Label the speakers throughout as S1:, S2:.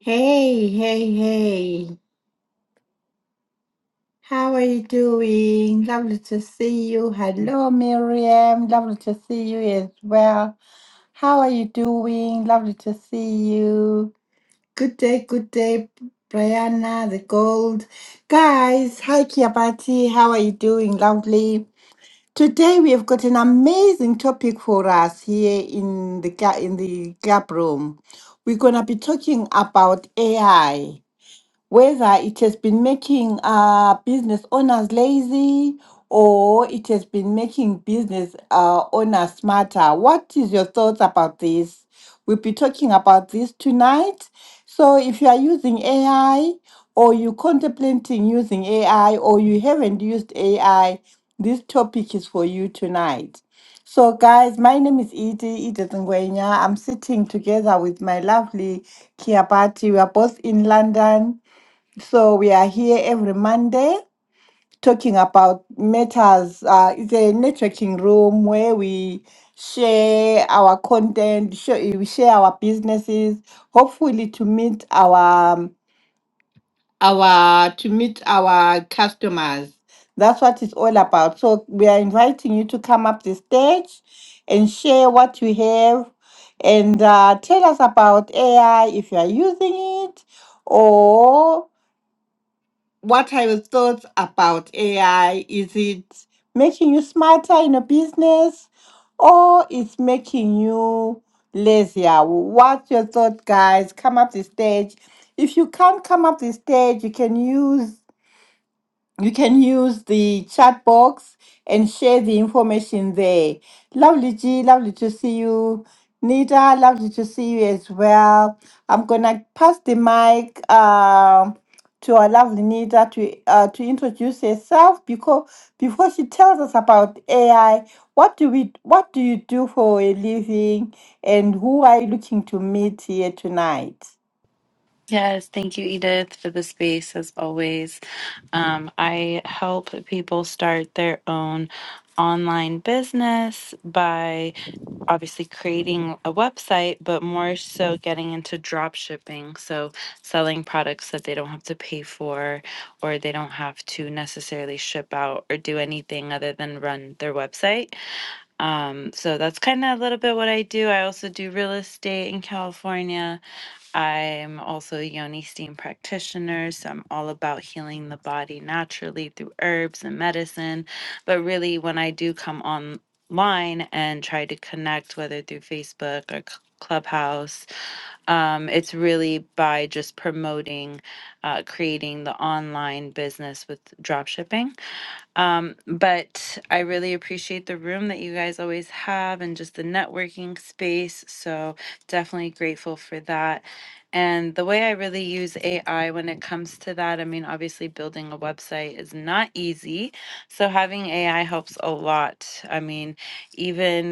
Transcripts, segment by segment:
S1: Hey, hey, hey. How are you doing? Lovely to see you. Hello, Miriam. Lovely to see you as well. How are you doing? Lovely to see you. Good day, good day, Brianna, the gold. Guys, hi, Kiabati. How are you doing? Lovely. Today we have got an amazing topic for us here in the ga- in the gap room. We're gonna be talking about AI. whether it has been making uh, business owners lazy or it has been making business uh, owners smarter. What is your thoughts about this? We'll be talking about this tonight. So if you are using AI or you're contemplating using AI or you haven't used AI, this topic is for you tonight. So, guys, my name is Edie, Edith Nguyenya. I'm sitting together with my lovely Kiabati. We are both in London. So we are here every Monday talking about matters. Uh, it's a networking room where we share our content, share, we share our businesses, hopefully to meet our um, our to meet our customers. That's what it's all about. So we are inviting you to come up the stage and share what you have and uh, tell us about AI if you are using it or what I was thought about AI is it making you smarter in a business or it's making you lazier? What's your thought, guys? Come up the stage. If you can't come up the stage, you can use you can use the chat box and share the information there. Lovely G, lovely to see you. Nita, lovely to see you as well. I'm gonna pass the mic um to our lovely Nita to uh, to introduce herself because before she tells us about AI, what do we what do you do for a living and who are you looking to meet here tonight?
S2: Yes, thank you, Edith, for the space as always. Um, I help people start their own online business by obviously creating a website, but more so getting into drop shipping. So, selling products that they don't have to pay for or they don't have to necessarily ship out or do anything other than run their website. Um, so, that's kind of a little bit what I do. I also do real estate in California I'm also a yoni steam practitioner, so I'm all about healing the body naturally through herbs and medicine. But really, when I do come online and try to connect, whether through Facebook or c- Clubhouse, um, it's really by just promoting, uh, creating the online business with dropshipping um, but I really appreciate the room that you guys always have and just the networking space. So definitely grateful for that. And the way I really use AI when it comes to that, I mean, obviously building a website is not easy. So having AI helps a lot. I mean, even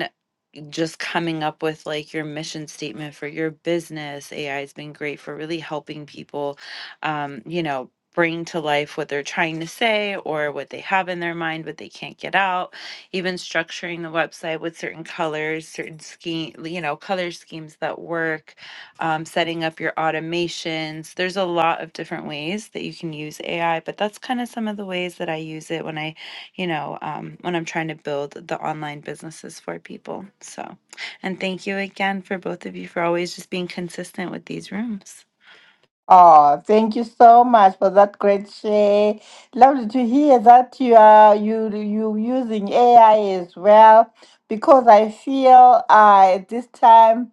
S2: just coming up with like your mission statement for your business. AI has been great for really helping people, um, you know, bring to life what they're trying to say or what they have in their mind, but they can't get out. Even structuring the website with certain colors, certain scheme, you know, color schemes that work, um, setting up your automations. There's a lot of different ways that you can use AI, but that's kind of some of the ways that I use it when I you know, um, when I'm trying to build the online businesses for people. So, and thank you again for both of you for always just being consistent with these rooms.
S1: Oh, thank you so much for that great share. Lovely to hear that you are you you using AI as well because I feel uh, at this time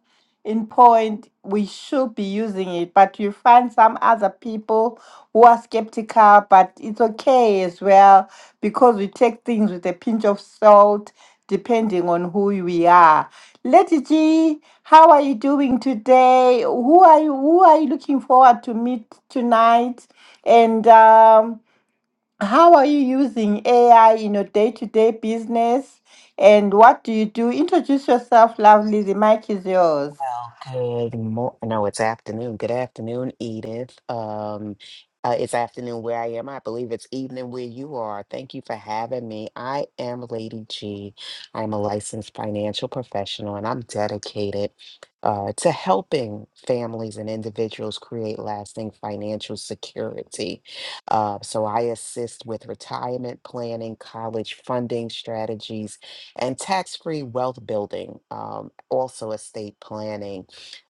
S1: in point we should be using it but you find some other people who are skeptical but it's okay as well because we take things with a pinch of salt depending on who we are lady g how are you doing today who are you who are you looking forward to meet tonight and um, how are you using ai in your day-to-day business and what do you do introduce yourself lovely the mic is yours
S3: Well, good mo- no, it's afternoon. Good afternoon, Edith. Um, uh, it's afternoon where I am. I believe it's evening where you are. Thank you for having me. I am Lady G. I'm a licensed financial professional and I'm dedicated uh, to helping families and individuals create lasting financial security. Uh, so I assist with retirement planning, college funding strategies, and tax-free wealth building, um, also estate planning.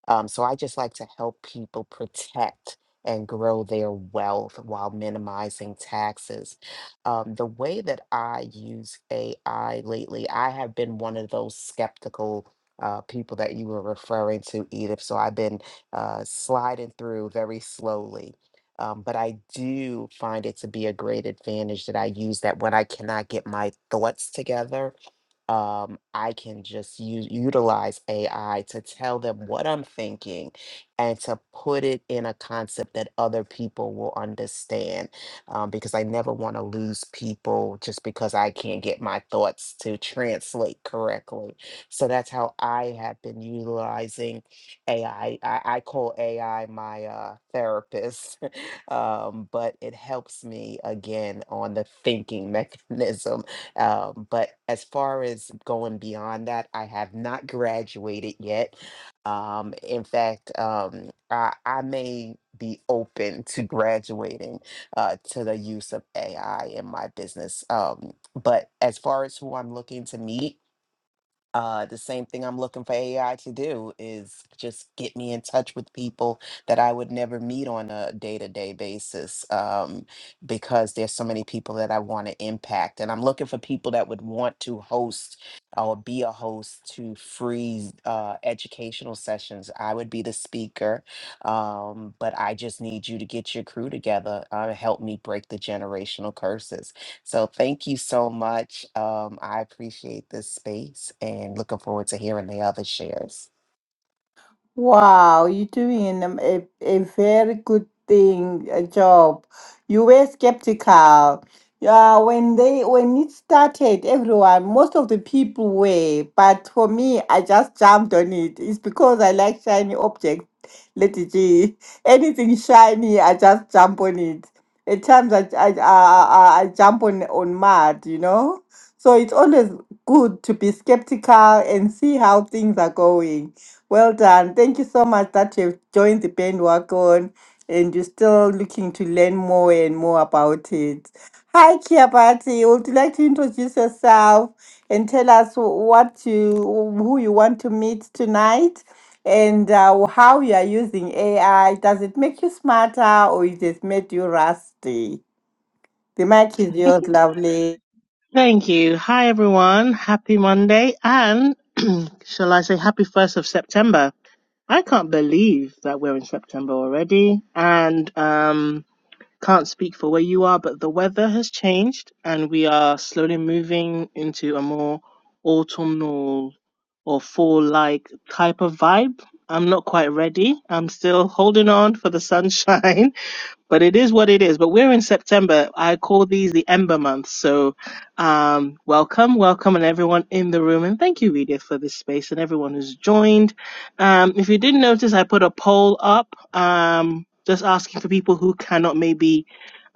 S3: Um, so I just like to help people protect and grow their wealth while minimizing taxes. Um, the way that I use AI lately, I have been one of those skeptical uh, people that you were referring to, Edith. So I've been uh, sliding through very slowly. Um, but I do find it to be a great advantage that I use that when I cannot get my thoughts together um, I can just use utilize AI to tell them what I'm thinking and to put it in a concept that other people will understand. Um, because I never want to lose people just because I can't get my thoughts to translate correctly. So that's how I have been utilizing AI. I, I, I call AI my uh, therapist, um, but it helps me again on the thinking mechanism um, but as far as going beyond that, I have not graduated yet. Um, in fact, um, I, I may be open to graduating uh, to the use of AI in my business. Um, but as far as who I'm looking to meet, uh, the same thing I'm looking for AI to do is just get me in touch with people that I would never meet on a day to day basis um, because there's so many people that I want to impact. And I'm looking for people that would want to host or be a host to free uh, educational sessions. I would be the speaker, um, but I just need you to get your crew together, uh, help me break the generational curses. So thank you so much. Um, I appreciate this space and looking forward to hearing the other shares.
S1: Wow, you're doing um, a, a very good thing, a job. You were skeptical. Yeah, when they when it started, everyone, most of the people were, but for me, I just jumped on it. It's because I like shiny objects, Lady G. Anything shiny, I just jump on it. At times, I I, I, I I jump on on mud, you know. So it's always good to be skeptical and see how things are going well done. Thank you so much that you've joined the bandwagon and you're still looking to learn more and more about it. Hi, Kiabati. Would you like to introduce yourself and tell us wh- what you, who you want to meet tonight and uh, how you are using AI? Does it make you smarter or it has made you rusty? The mic is yours, lovely.
S4: Thank you. Hi, everyone. Happy Monday. And shall I say happy 1st of September? I can't believe that we're in September already. And um, can't speak for where you are, but the weather has changed and we are slowly moving into a more autumnal or fall like type of vibe. I'm not quite ready. I'm still holding on for the sunshine. but it is what it is. But we're in September. I call these the Ember months. So, um, welcome, welcome, and everyone in the room. And thank you, Edith, for this space and everyone who's joined. Um, if you didn't notice, I put a poll up, um, just asking for people who cannot maybe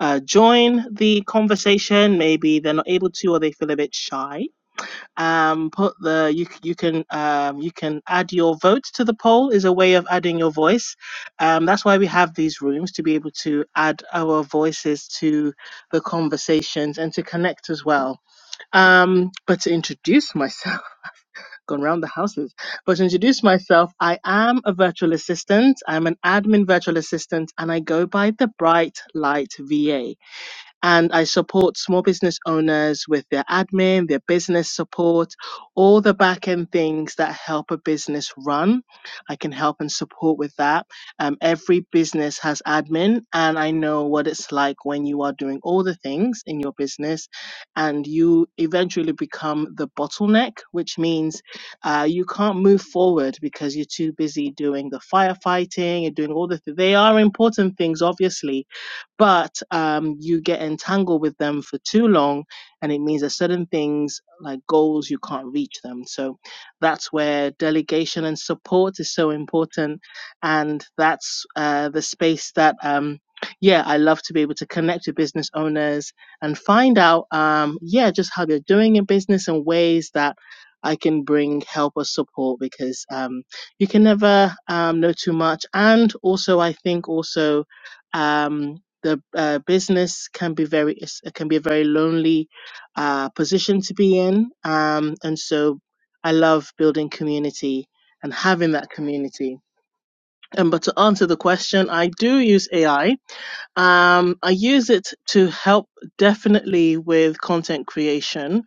S4: uh, join the conversation. Maybe they're not able to, or they feel a bit shy um, put the you c- you can um, you can add your vote to the poll is a way of adding your voice. Um, that's why we have these rooms to be able to add our voices to the conversations and to connect as well. Um, but to introduce myself, gone round the houses. But to introduce myself, I am a virtual assistant. I'm an admin virtual assistant, and I go by the Bright Light VA and I support small business owners with their admin, their business support, all the back end things that help a business run. I can help and support with that. Um, every business has admin, and I know what it's like when you are doing all the things in your business and you eventually become the bottleneck, which means uh, you can't move forward because you're too busy doing the firefighting, and doing all the, th- they are important things, obviously, but um, you get entangled with them for too long and it means that certain things like goals you can't reach them so that's where delegation and support is so important and that's uh, the space that um, yeah i love to be able to connect with business owners and find out um, yeah just how they're doing in business and ways that i can bring help or support because um, you can never um, know too much and also i think also um, the uh, business can be very it's- it can be a very lonely uh, position to be in um, and so i love building community and having that community um, but to answer the question i do use ai um, i use it to help definitely with content creation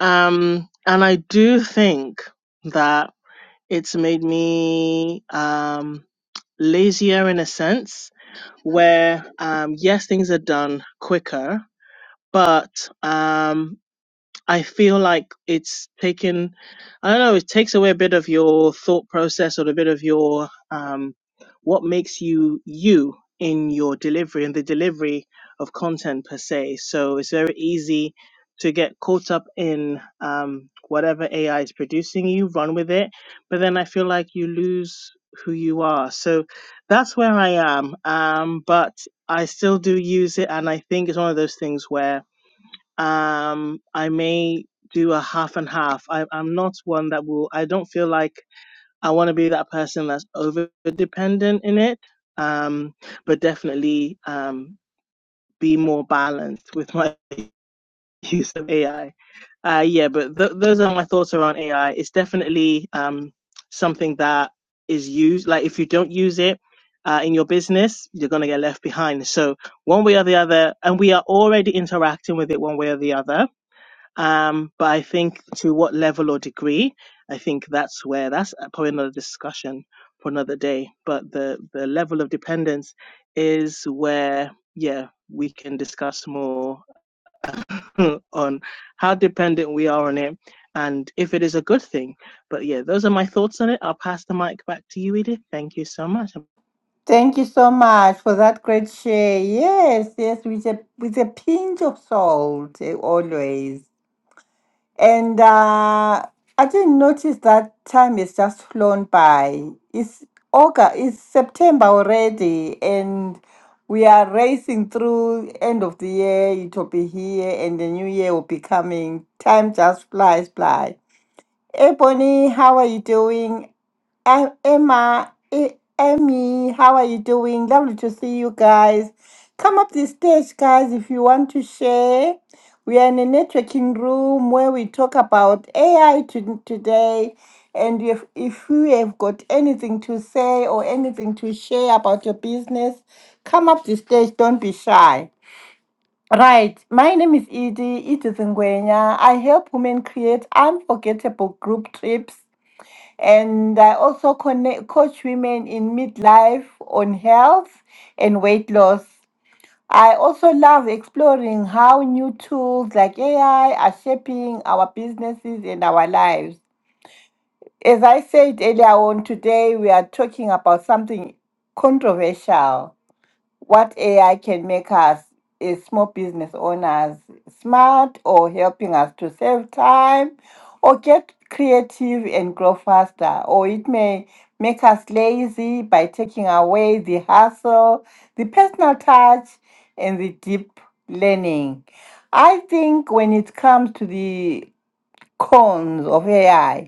S4: um, and i do think that it's made me um, lazier in a sense where um, yes, things are done quicker, but um, I feel like it's taken, I don't know, it takes away a bit of your thought process or a bit of your, um, what makes you you in your delivery and the delivery of content per se. So it's very easy to get caught up in um, whatever AI is producing you, run with it. But then I feel like you lose who you are. So that's where I am. Um, but I still do use it. And I think it's one of those things where um i may do a half and half I, i'm not one that will i don't feel like i want to be that person that's over dependent in it um but definitely um be more balanced with my use of ai uh yeah but th- those are my thoughts around ai it's definitely um something that is used like if you don't use it uh, in your business you're going to get left behind so one way or the other and we are already interacting with it one way or the other um, but I think to what level or degree, I think that's where that's uh, probably another discussion for another day. But the the level of dependence is where yeah we can discuss more on how dependent we are on it and if it is a good thing. But yeah, those are my thoughts on it. I'll pass the mic back to you, Edith. Thank you so much.
S1: Thank you so much for that great share. Yes, yes, with a with a pinch of salt eh, always. And uh, I didn't notice that time has just flown by. It's August, it's September already, and we are racing through end of the year. It will be here, and the new year will be coming. Time just flies by. Hey, Bonnie, how are you doing? Em- Emma, E- Emmy, how are you doing? Lovely to see you guys. Come up the stage, guys, if you want to share. We are in a networking room where we talk about AI to, today. And if, if you have got anything to say or anything to share about your business, come up the stage. Don't be shy. Right. My name is Edie, Edith Ngwenya. I help women create unforgettable group trips and I also connect, coach women in midlife on health and weight loss. I also love exploring how new tools like AI are shaping our businesses and our lives. As I said earlier on, today we are talking about something controversial what AI can make us is small business owners smart or helping us to save time or get creative and grow faster. Or it may make us lazy by taking away the hustle, the personal touch, and the deep learning. I think when it comes to the cons of AI,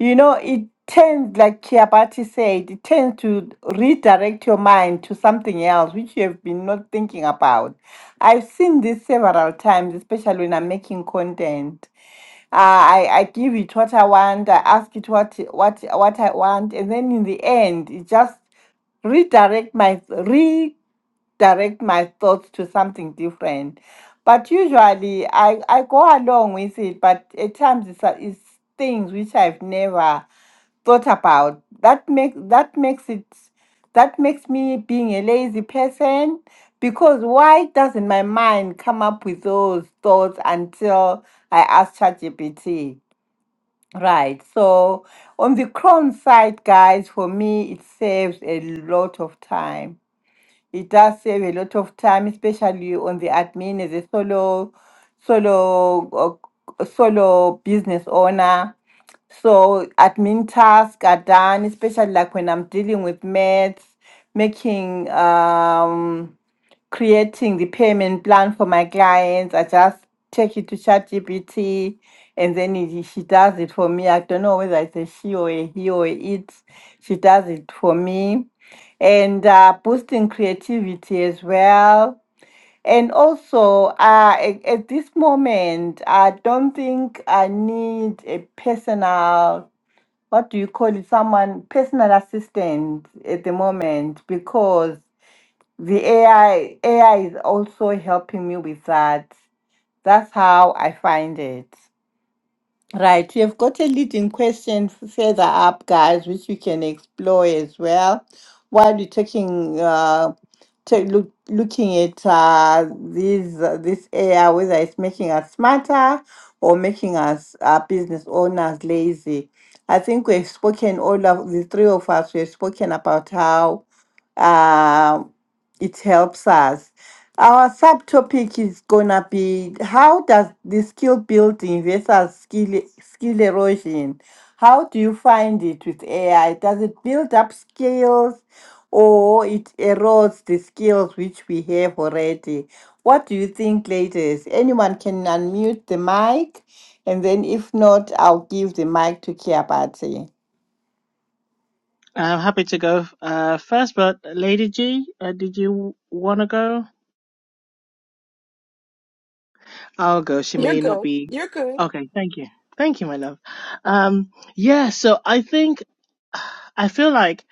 S1: you know, it tends, like Chiapati said, it tends to redirect your mind to something else which you have been not thinking about. I've seen this several times, especially when I'm making content. Uh, I, I give it what I want, I ask it what what what I want, and then in the end, it just redirect my redirect my thoughts to something different. But usually, I I go along with it. But at times, it's, it's things which I've never thought about that makes that makes it that makes me being a lazy person because why doesn't my mind come up with those thoughts until I ask ChatGPT? Right. So on the Chrome side, guys, for me it saves a lot of time it does save a lot of time, especially on the admin as a solo, solo, uh, solo business owner. So admin tasks are done, especially like when I'm dealing with maths, making um creating the payment plan for my clients. I just take it to ChatGPT and then it, she does it for me. I don't know whether it's a she or a he or a it. She does it for me and uh, boosting creativity as well. And also, uh, at, at this moment, I don't think I need a personal, what do you call it, someone, personal assistant at the moment because the AI, AI is also helping me with that. That's how I find it. Right, we have got a leading question f- further up, guys, which we can explore as well. While we're taking, uh, ta- look, looking at uh, these, uh, this AI, whether it's making us smarter or making us uh, business owners lazy. I think we've spoken, all of the three of us, we've spoken about how uh, it helps us. Our subtopic is gonna be how does the skill building versus skill skill erosion? How do you find it with AI? Does it build up skills or it erodes the skills which we have already? What do you think ladies? Anyone can unmute the mic and then if not, I'll give the mic to Kiabati.
S4: I'm happy to go uh, first, but Lady G, uh, did you want to go? I'll go. She may not be. Okay, thank you. Thank you, my love. Um, yeah, so I think, I feel like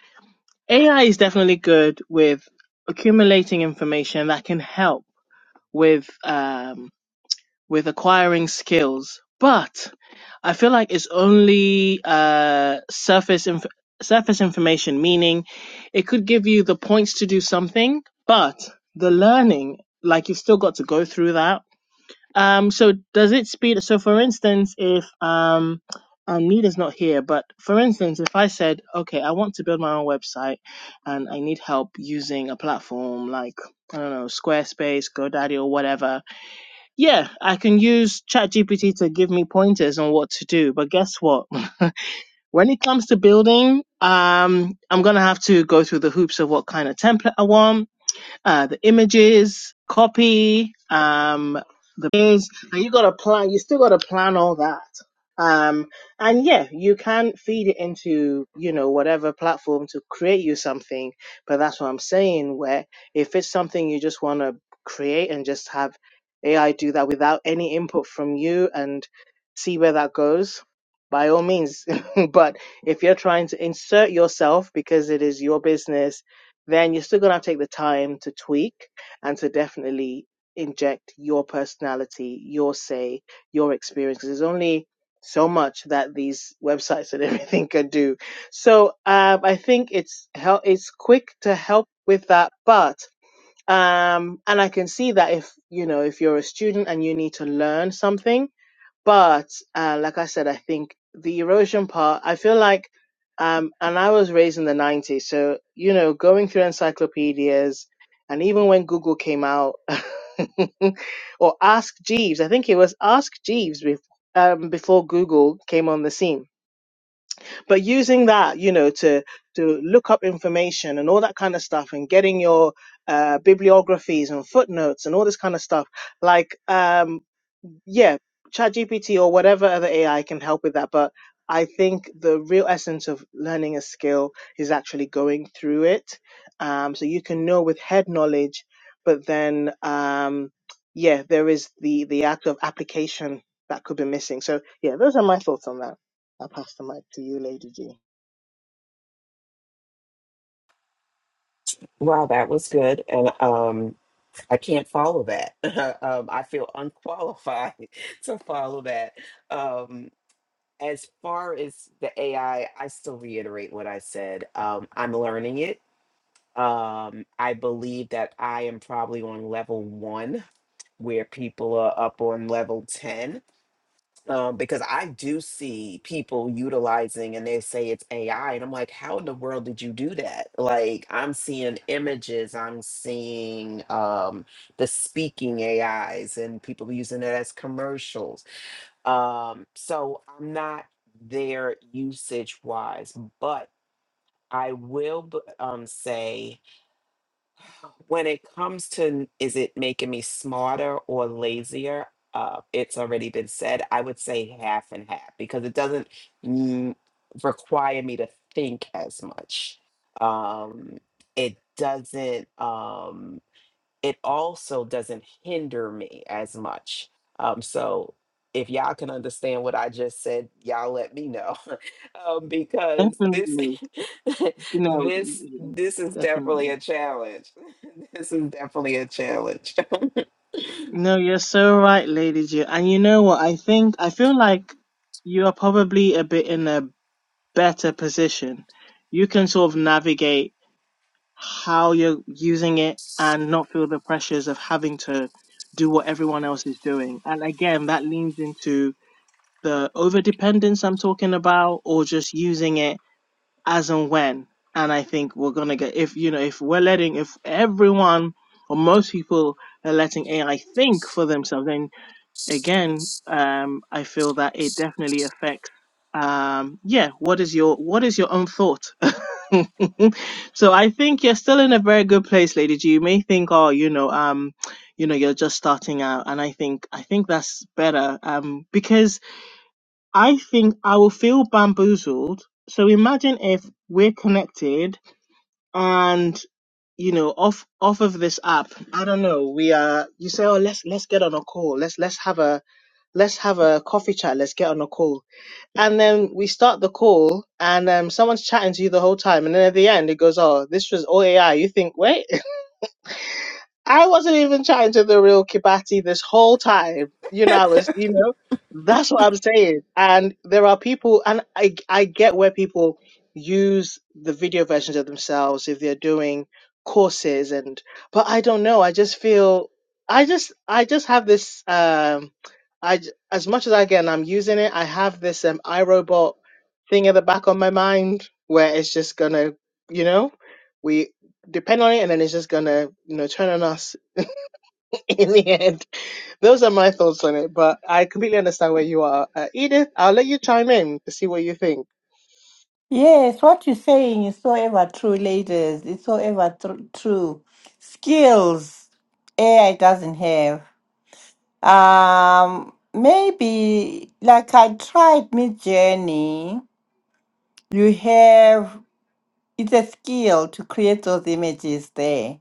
S4: AI is definitely good with accumulating information that can help with, um, with acquiring skills, but I feel like it's only, uh, surface, inf- surface information, meaning it could give you the points to do something, but the learning, like you've still got to go through that um, so does it speed? So for instance, if um, um, Nita's not here, but for instance, if I said, okay, I want to build my own website and I need help using a platform like, I don't know, Squarespace, GoDaddy, or whatever, yeah, I can use ChatGPT to give me pointers on what to do. But guess what? when it comes to building, um, I'm gonna have to go through the hoops of what kind of template I want uh, the images, copy, um, the things, and you gotta plan, you still gotta plan all that. Um, and yeah, you can feed it into, you know, whatever platform to create you something, but that's what I'm saying, where if it's something you just wanna create and just have AI do that without any input from you and see where that goes, by all means. but if you're trying to insert yourself because it is your business then you're still going to have to take the time to tweak and to definitely inject your personality, your say, your experience. 'cause there's only so much that these websites and everything can do. So um, I think it's hel- it's quick to help with that, but um, and I can see that if you know if you're a student and you need to learn something but uh, like I said, I think the erosion part, I feel like, um, and I was raised in the 90s, so you know, going through encyclopedias, and even when Google came out, or Ask Jeeves, I think it was Ask Jeeves before. Um, before Google came on the scene, but using that, you know, to to look up information and all that kind of stuff, and getting your uh, bibliographies and footnotes and all this kind of stuff, like um, yeah, ChatGPT or whatever other AI can help with that. But I think the real essence of learning a skill is actually going through it. Um, so you can know with head knowledge, but then um, yeah, there is the the act of application that could be missing. So yeah, those are my thoughts on that. I'll pass the mic to you, Lady G.
S3: Wow, that was good. And um, I can't follow that. um, I feel unqualified to follow that. Um, as far as the AI, I I still reiterate what I said. Um, I'm learning it. Um, I believe that I am probably on level one, where people are up on level 10. um, because I do see people utilizing and they say it's AI. And I'm like, how in the world did you do that? Like, I'm seeing images, I'm seeing um, the speaking AIs and people using it as commercials. Um, so I'm not there usage wise, but I will b- um, say when it comes to is it making me smarter or lazier uh, it's already been said i would say half and half because it doesn't mm, require me to think as much um, it doesn't Um, it also doesn't hinder me as much. Um, so if y'all can understand what I just said, y'all let me know um, because this
S4: Definitely. No,
S3: this
S4: yeah,
S3: this is definitely
S4: definitely.
S3: a challenge. this is definitely a challenge.
S4: No, you're so right, Lady G. And you know what? I think I feel like you are probably a bit in a better position. You can sort of navigate how you're using it and not feel the pressures of having to do what everyone else is doing. And again, that leans into the overdependence I'm talking about or just using it as and when. And I think we're going to get, if, you know, if we're letting, if everyone or most people are letting AI think for themselves, then again, um, I feel that it definitely affects. Um, yeah, what is your what is your own thought? so I think you're still in a very good place, Lady G. You may think, oh, you know, um, you know, you're just starting out, and I think I think that's better um, because I think I will feel bamboozled. So imagine if we're connected and you know off off of this app i don't know we are you say oh let's let's get on a call let's let's have a let's have a coffee chat. Let's get on a call. And then we start the call and um, someone's chatting to you the whole time. And then at the end, it goes, oh, this was all AI. You think, wait. I wasn't even trying to the real Kibati this whole time. You know, I was, you know, that's what I'm saying. And there are people, and I, I get where people use the video versions of themselves if they're doing courses and, but I don't know. I just feel, I just, I just have this, um, I, j- as much as I get and I'm using it, I have this, um, iRobot thing at the back of my mind where it's just gonna, you know, we depend on it, and then it's just gonna, you know, turn on us in the end. Those are my thoughts on it, but I completely understand where you are, uh, Edith. I'll let you chime in to see what you think.
S1: Yes, what you're saying is so ever true, ladies. It's so ever tr- true. Skills AI doesn't have. Um, maybe like I tried Mid Journey. You have it's a skill to create those images there.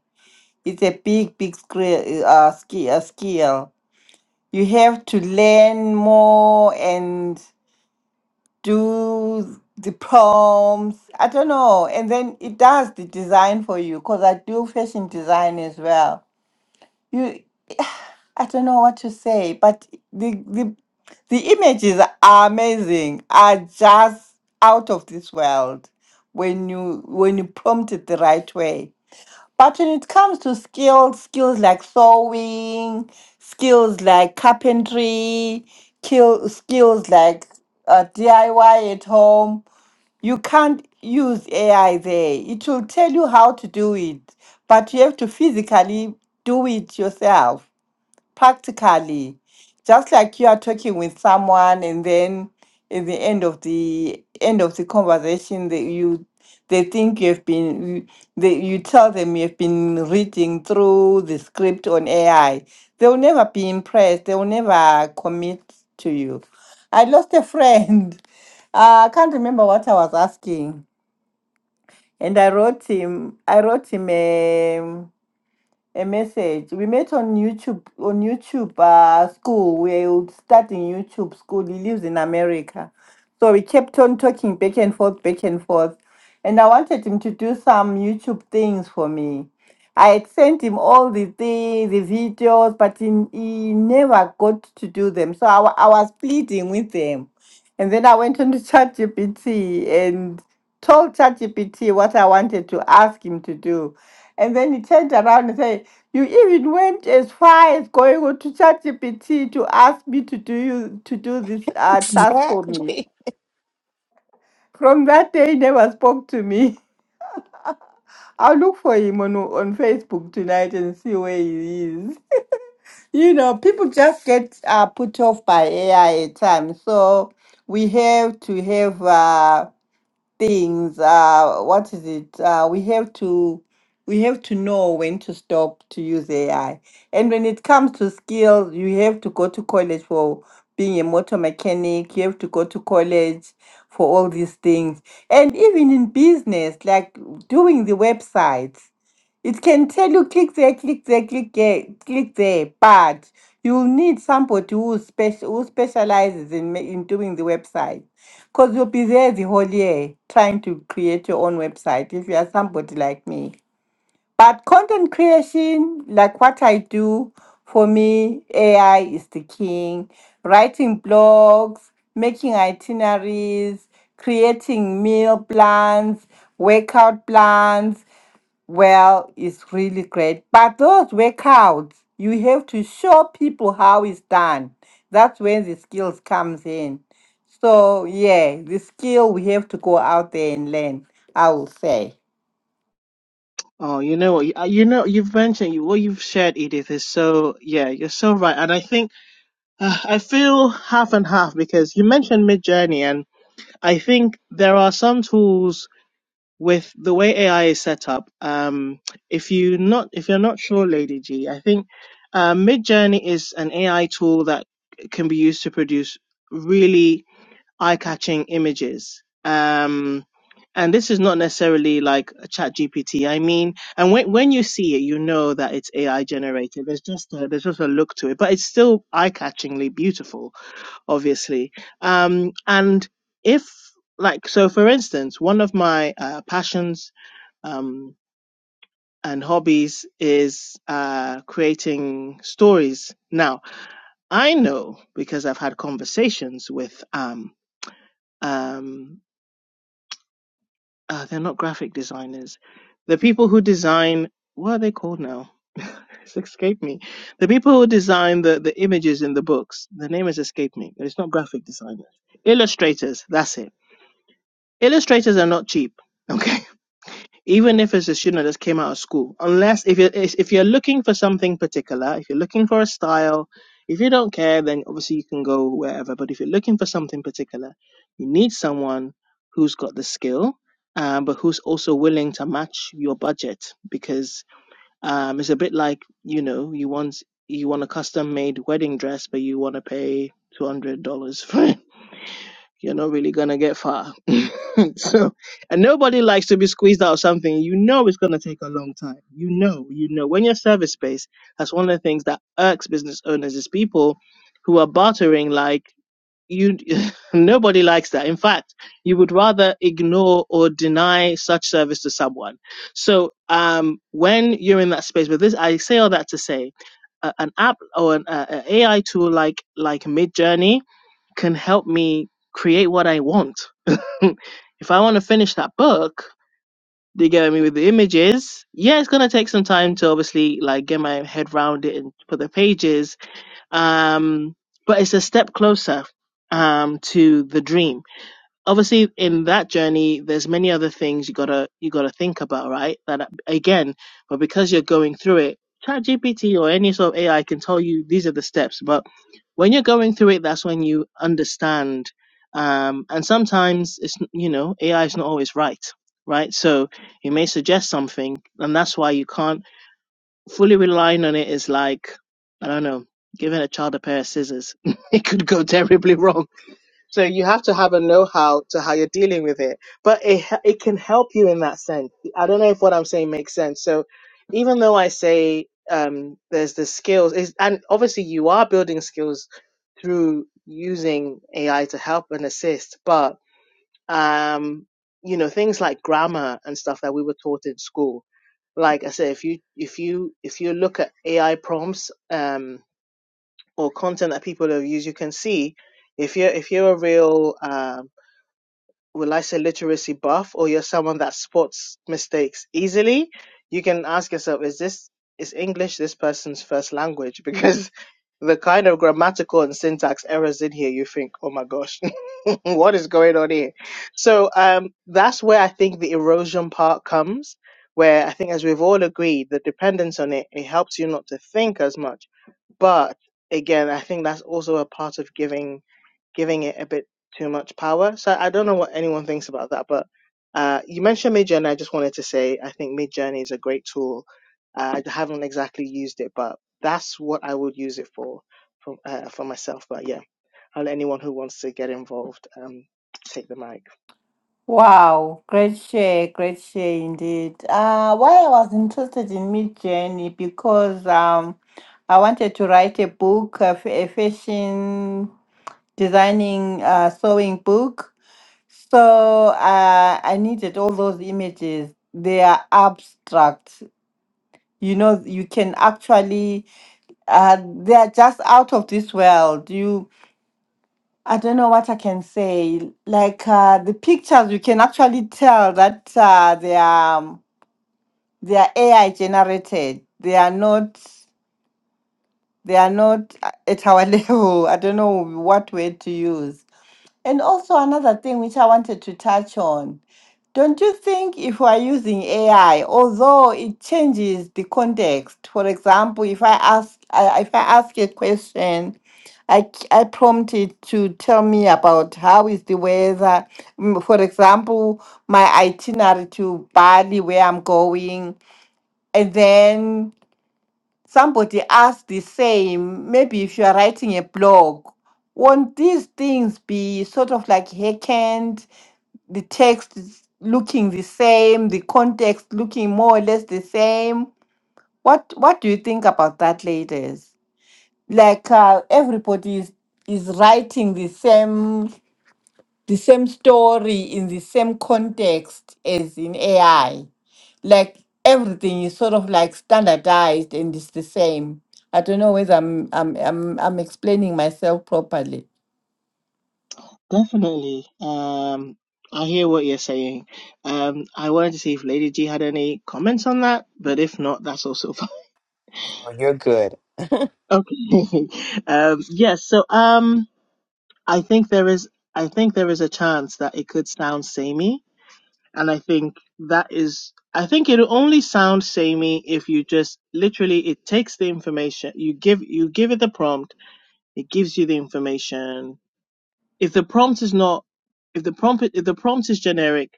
S1: It's a big, big skill. Uh, skill. A skill. You have to learn more and do the prompts. I don't know. And then it does the design for you because I do fashion design as well. You, I don't know what to say, but the the the images are amazing. Are just out of this world when you when you prompt it the right way. But when it comes to skills, skills like sewing, skills like carpentry, kill, skills like uh, DIY at home, you can't use AI there. It will tell you how to do it, but you have to physically do it yourself practically just like you are talking with someone and then at the end of the end of the conversation that you they think you have been you- they, you tell them you have been reading through the script on ai they will never be impressed they will never commit to you i lost a friend uh, i can't remember what i was asking and i wrote him i wrote him a message. We met on YouTube on YouTube uh, school. We would start in YouTube school. He lives in America, so we kept on talking back and forth, back and forth. And I wanted him to do some YouTube things for me. I had sent him all the things, the videos, but he, he never got to do them. So I, wa- I was pleading with him. And then I went on to ChatGPT and told ChatGPT what I wanted to ask him to do. And then he turned around and said, you even went as far as going on to ChatGPT to ask me to do you to do this uh, task for me.
S3: exactly.
S1: From that day, he never spoke to me. I'll look for him on on Facebook tonight and see where he is. You know, people just get uh, put off by AI at times, so we have to have. Uh, things uh what is it uh we have to we have to know when to stop to use ai and when it comes to skills you have to go to college for being a motor mechanic you have to go to college for all these things and even in business like doing the websites it can tell you click there, click there, click there, click there, but you'll need somebody who special who specializes in ma- in doing the website, because you'll be there the whole year trying to create your own website if you are somebody like me. But content creation, like what I do, for me, AI is the king. Writing blogs, making itineraries, creating meal plans, workout plans. Well, it's really great. But those workouts, you have to show people how it's done. That's when the skills comes in. So yeah, the skill we have to go out there and learn, I will say.
S4: Oh, you know what? You, uh, you know, you've mentioned what you've shared, Edith, is so, yeah, you're so right. And I think Uh, I feel half and half because you mentioned Midjourney, and I think there are some tools with the way AI is set up. Um, if you not if you're not sure, Lady G, I think uh, Mid is an AI tool that can be used to produce really eye-catching images. Um, and this is not necessarily like a chat gpt i mean and when when you see it you know that it's ai generated there's just a, there's just a look to it but it's still eye-catchingly beautiful obviously. Um, and if, like, so for instance, one of my uh, passions um, and hobbies is uh, creating stories. Now, I know because I've had conversations with, um, um, uh, they're not graphic designers, the people who design, what are they called now? it's escaped me. The people who design the, the images in the books, the name has escaped me, but it's not graphic designers. Illustrators, that's it Illustrators are not cheap, okay? Even if it's a student that just came out of school, unless if you're if if you're looking for something particular, if you're looking for a style, if you don't care, then obviously you can go wherever. But if you're looking for something particular, you need someone who's got the skill, um, but who's also willing to match your budget because um, it's a bit like you know you want you want a custom made wedding dress, but you want to pay two hundred dollars for it you're not really gonna get far. so, and nobody likes to be squeezed out of something. You know it's gonna take a long time. You know, you know. When you're service based, that's one of the things that irks business owners is people who are bartering like you. nobody likes that. In fact, you would rather ignore or deny such service to someone. So, um, when you're in that space, but this, I say all that to say, a, an app or an uh, a AI tool like like Midjourney can help me create what I want. if I want to finish that book, do you get me with the images? Yeah, it's gonna take some time to obviously like get my head round it and put the pages. Um, but it's a step closer um to the dream obviously in that journey there's many other things you gotta you gotta think about right that again but because you're going through it ChatGPT or any sort of ai can tell you these are the steps but when you're going through it that's when you understand um and sometimes it's you know ai is not always right right so it may suggest something and that's why you can't fully relying on it is like i don't know giving a child a pair of scissors it could go terribly wrong so you have to have a know-how to how you're dealing with it, but it h- it can help you in that sense. I don't know if what I'm saying makes sense. So even though I say um, there's the skills, is and obviously you are building skills through using AI to help and assist, but um, you know things like grammar and stuff that we were taught in school. Like I said, if you if you if you look at AI prompts um, or content that people have used, you can see if you're if you're a real um, will I say literacy buff or you're someone that spots mistakes easily, you can ask yourself, is this is English this person's first language? Because the kind of grammatical and syntax errors in here, you think, oh my gosh, what is going on here? So um, that's where I think the erosion part comes, where I think, as we've all agreed, the dependence on it it helps you not to think as much. But again, I think that's also a part of giving giving it a bit too much power. So I don't know what anyone thinks about that, but uh, you mentioned Midjourney. I just wanted to say I think Midjourney is a great tool. Uh, I haven't exactly used it, but that's what I would use it for for, uh, for myself. But yeah, I'll let anyone who wants to get involved um, take the mic.
S1: Wow, great share, great share indeed. Uh, why I was interested in Mid Journey because um, I wanted to write a book, a, f- a fashion designing, uh, sewing book So uh, I needed all those images. They are abstract. You know, you can actually, uh, they are just out of this world. You, I don't know what I can say. Like uh, the pictures, you can actually tell that uh, they are um, they are AI generated. They are not. They are not uh, at our level. I don't know what word to use And also another thing which I wanted to touch on. Don't you think if we are using AI, although it changes the context, for example, if I ask I, if I ask a question, I, c- I prompt it to tell me about how is the weather, mm, for example, my itinerary to Bali, where I'm going, and then somebody asked the same maybe if you are writing a blog won't these things be sort of like hackened the text is looking the same the context looking more or less the same what what do you think about that ladies like uh, everybody is, is writing the same the same story in the same context as in AI. Like everything is sort of like standardized and it's the same. I don't know whether I'm I'm I'm, I'm explaining myself properly.
S4: Definitely. Um, I hear what you're saying. Um, I wanted to see if Lady G had any comments on that, but if not, that's also fine.
S3: No, you're good.
S4: Okay. um, yes. Yeah, so um, I think there is I think there is a chance that it could sound samey and I think that is I think it'll only sound samey if you just literally it takes the information you give you give it the prompt it gives you the information if the prompt is not if the prompt if the prompt is generic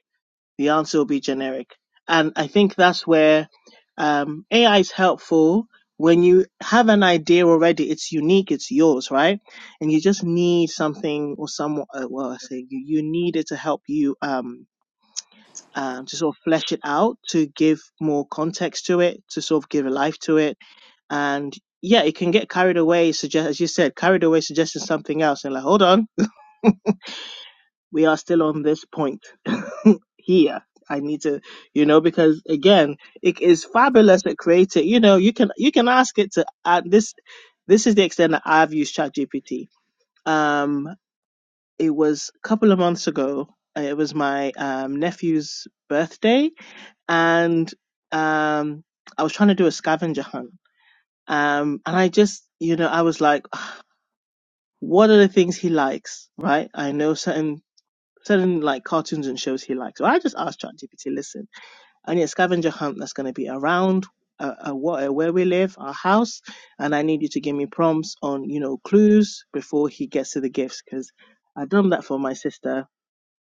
S4: the answer will be generic. And I think that's where um, AI is helpful when you have an idea already. It's unique, it's yours, right? And you just need something or someone. Uh, well, I say you you need it to help you um, um, to sort of flesh it out, to give more context to it, to sort of give a life to it, and yeah, it can get carried away. Suggest, as you said, carried away, suggesting something else, and like, hold on we are still on this point here. I need to, you know, because again, it is fabulous at creating. You know, you can you can ask it to add this. This is the extent that I've used ChatGPT. Um, it was a couple of months ago. uh, It was my um, nephew's birthday, and um, I was trying to do a scavenger hunt. Um, and I just, you know, I was like, "Ah, what are the things he likes, right? I know certain certain like cartoons and shows he likes. So I just asked ChatGPT, listen, I need a scavenger hunt that's going to be around uh, uh, what, uh, where we live, our house, and I need you to give me prompts on, you know, clues before he gets to the gifts because I have done that for my sister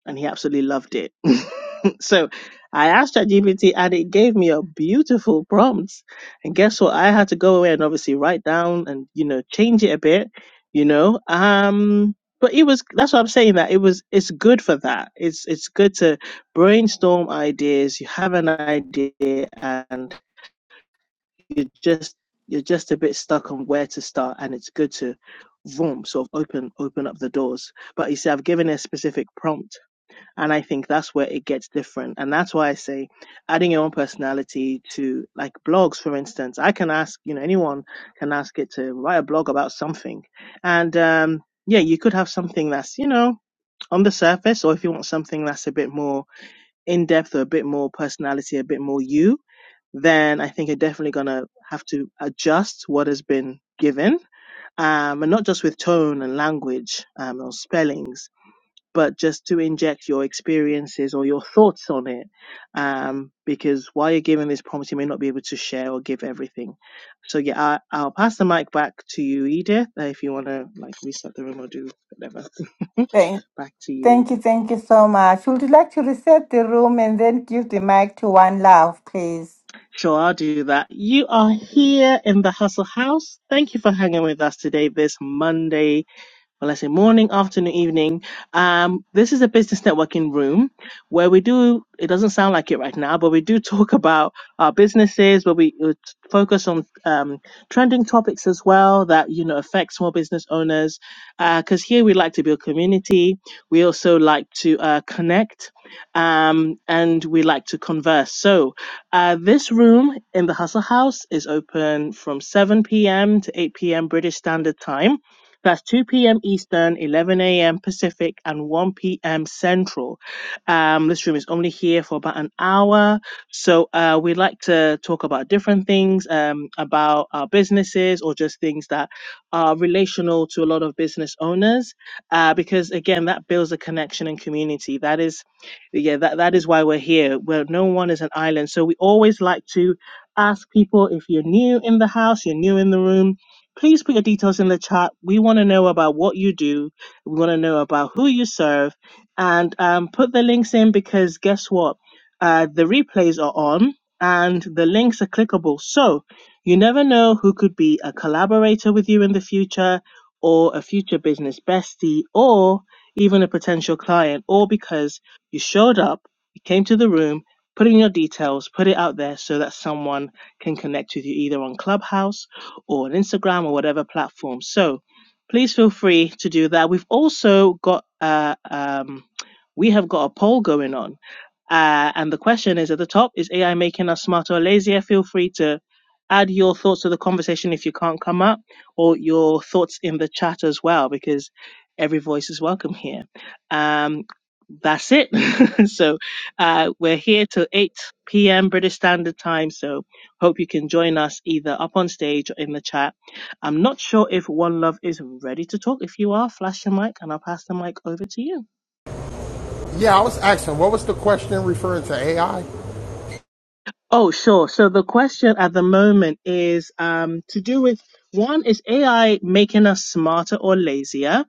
S4: and he absolutely loved it. so I asked ChatGPT and it gave me a beautiful prompt. And guess what? I had to go away and obviously write down and, you know, change it a bit, you know. Um but it was that's what I'm saying that it was it's good for that. It's it's good to brainstorm ideas. You have an idea and you just you're just a bit stuck on where to start and it's good to vroom, sort of open open up the doors. But you see I've given a specific prompt and I think that's where it gets different. And that's why I say adding your own personality to like blogs, for instance, I can ask, you know, anyone can ask it to write a blog about something. And, um, yeah, you could have something that's, you know, on the surface, or if you want something that's a bit more in depth or a bit more personality, a bit more you, then I think you're definitely going to have to adjust what has been given. Um, and not just with tone and language, um, or spellings but just to inject your experiences or your thoughts on it. Um, because while you're giving this prompt, you may not be able to share or give everything. So yeah, I, I'll pass the mic back to you, Edith, uh, if you want to like reset the room or do whatever.
S1: Thank
S4: back to you,
S1: thank you,
S4: Edith.
S1: thank you so much. Would you like to reset the room and then give the mic to one love, please?
S4: Sure, I'll do that. You are here in the Hustle House. Thank you for hanging with us today, this Monday. Well, I say morning, afternoon, evening. Um, this is a business networking room where we do, it doesn't sound like it right now, but we do talk about our businesses, but we uh, t- focus on um, trending topics as well that, you know, affect small business owners. Because here we like to build community. We also like to uh, connect um, and we like to converse. So uh, this room in the Hustle House is open from 7 p.m. to 8 p.m. British Standard Time that's 2 p.m. Eastern, 11 a.m. Pacific, and 1 p.m. Central. Um, this room is only here for about an hour. So uh, we like to talk about different things, um, about our businesses or just things that are relational to a lot of business owners, uh, because again, that builds a connection and community. That is, yeah, that, that is why we're here. Where no one is an island. So we always like to ask people if you're new in the house, you're new in the room Please put your details in the chat. We want to know about what you do. We want to know about who you serve, and um, put the links in because guess what? Uh, the replays are on, and the links are clickable. So you never know who could be a collaborator with you in the future, or a future business bestie, or even a potential client, All because you showed up, you came to the room, put in your details, put it out there so that someone can connect with you either on Clubhouse or on Instagram or whatever platform. So please feel free to do that. We've also got uh, um, we have got a poll going on, uh, and the question is at the top: Is AI making us smarter or lazier? Feel free to add your thoughts to the conversation if you can't come up, or your thoughts in the chat as well, because every voice is welcome here. Um, that's it. so uh, we're here till 8 p.m. British Standard Time. So Hope you can join us either up on stage or in the chat. I'm not sure if One Love is ready to talk. If you are, flash your mic and I'll pass the mic over to you.
S5: Yeah, I was asking, what was the question referring to AI?
S4: Oh, sure. So the question at the moment is um, to do with one is AI making us smarter or lazier?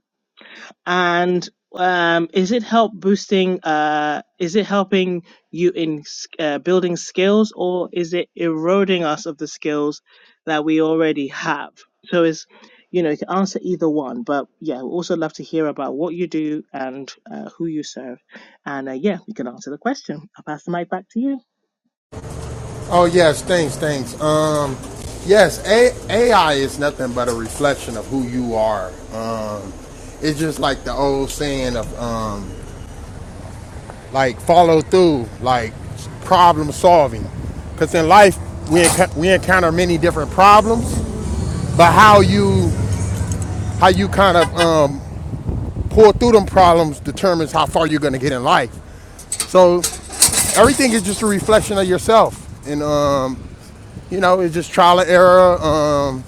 S4: and um, is it help boosting uh, is it helping you in s- uh, building skills or is it eroding us of the skills that we already have so it's you know you can answer either one but yeah we also love to hear about what you do and uh, who you serve and uh, yeah you can answer the question i'll pass the mic back to you
S5: Oh, yes, things, things. Um, yes, A- AI is nothing but a reflection of who you are. Um, it's just like the old saying of um, like follow through, like problem solving. Because in life, we, enc- we encounter many different problems but how you how you kind of um, pull through them problems determines how far you're going to get in life. So everything is just a reflection of yourself. And, um, you know, it's just trial and error, um,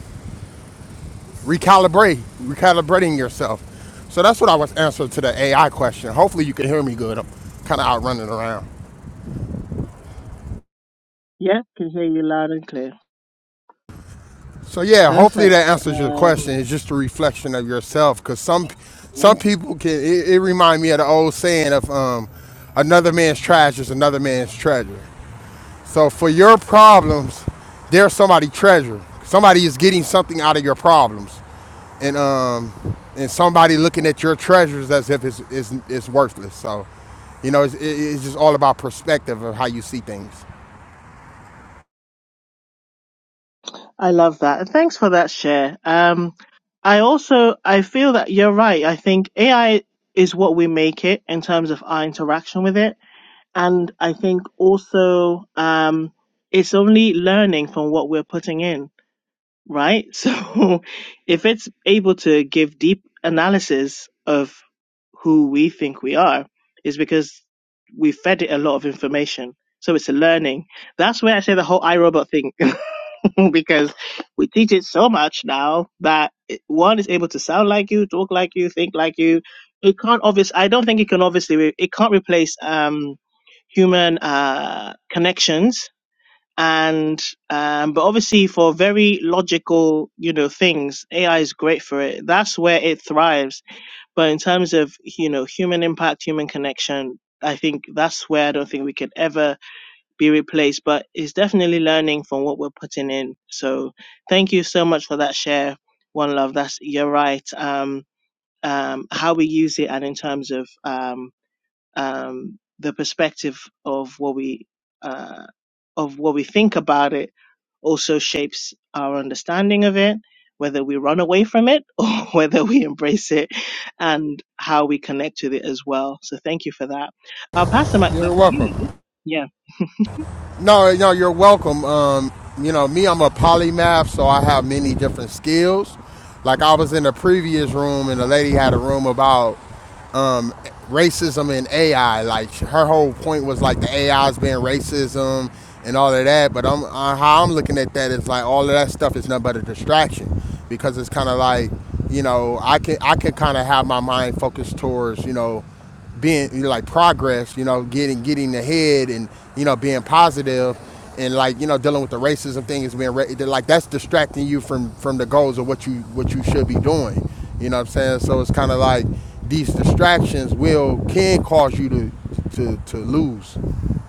S5: recalibrate, recalibrating yourself. So that's what I was answering to the AI question. Hopefully you can hear me good. I'm kind of out running around.
S4: yeah, can hear you loud and clear.
S5: So yeah, hopefully that
S4: Perfect.
S5: answers your question.
S4: Um,
S5: It's just a reflection of yourself. Cause some, some
S4: yeah.
S5: people can, it, it remind me of the old saying of, um, another man's trash is another man's treasure. So for your problems, there's somebody treasure. Somebody is getting something out of your problems, and um, and somebody looking at your treasures as if it's it's, it's worthless. So, you know, it's, it's just all about perspective of how you see things.
S4: I love that. And thanks for that share. Um, I also, I feel that you're right. I think AI is what we make it in terms of our interaction with it. and I think also um, it's only learning from what we're putting in, right? So if it's able to give deep analysis of who we think we are, is because we fed it a lot of information. So it's a learning. That's where I say the whole iRobot thing, because we teach it so much now that it- one is able to sound like you, talk like you, think like you. It can't obviously. I don't think it can obviously. Re- it can't replace. Um, human uh, connections. And um, but obviously for very logical, you know, things, AI is great for it. That's where it thrives. But in terms of you know human impact, human connection, I think that's where I don't think we could ever be replaced. But it's definitely learning from what we're putting in. So thank you so much for that share. One love. That's you're right. Um, um, how we use it and in terms of um um, the perspective of what we uh, of what we think about it also shapes our understanding of it, whether we run away from it or whether we embrace it, and how we connect with it as well. So thank you for that. I'll pass the mic back
S5: You're
S4: to you,
S5: welcome.
S4: Edith. Yeah,
S5: No, no, you're welcome. Um, you know, me, I'm a polymath, so I have many different skills. Like I was in the previous room, and the lady had a room about um, racism and AI. Like her whole point was like the AI's being racism and all of that. But I'm uh, how I'm looking at that is like all of that stuff is nothing but a distraction because it's kind of like you know I can I can kind of have my mind focused towards you know being you know, like progress, you know, getting getting ahead and you know being positive and like you know dealing with the racism thing is being like that's distracting you from from the goals of what you what you should be doing. You know what I'm saying? So it's kind of like these distractions will can cause you to to, to lose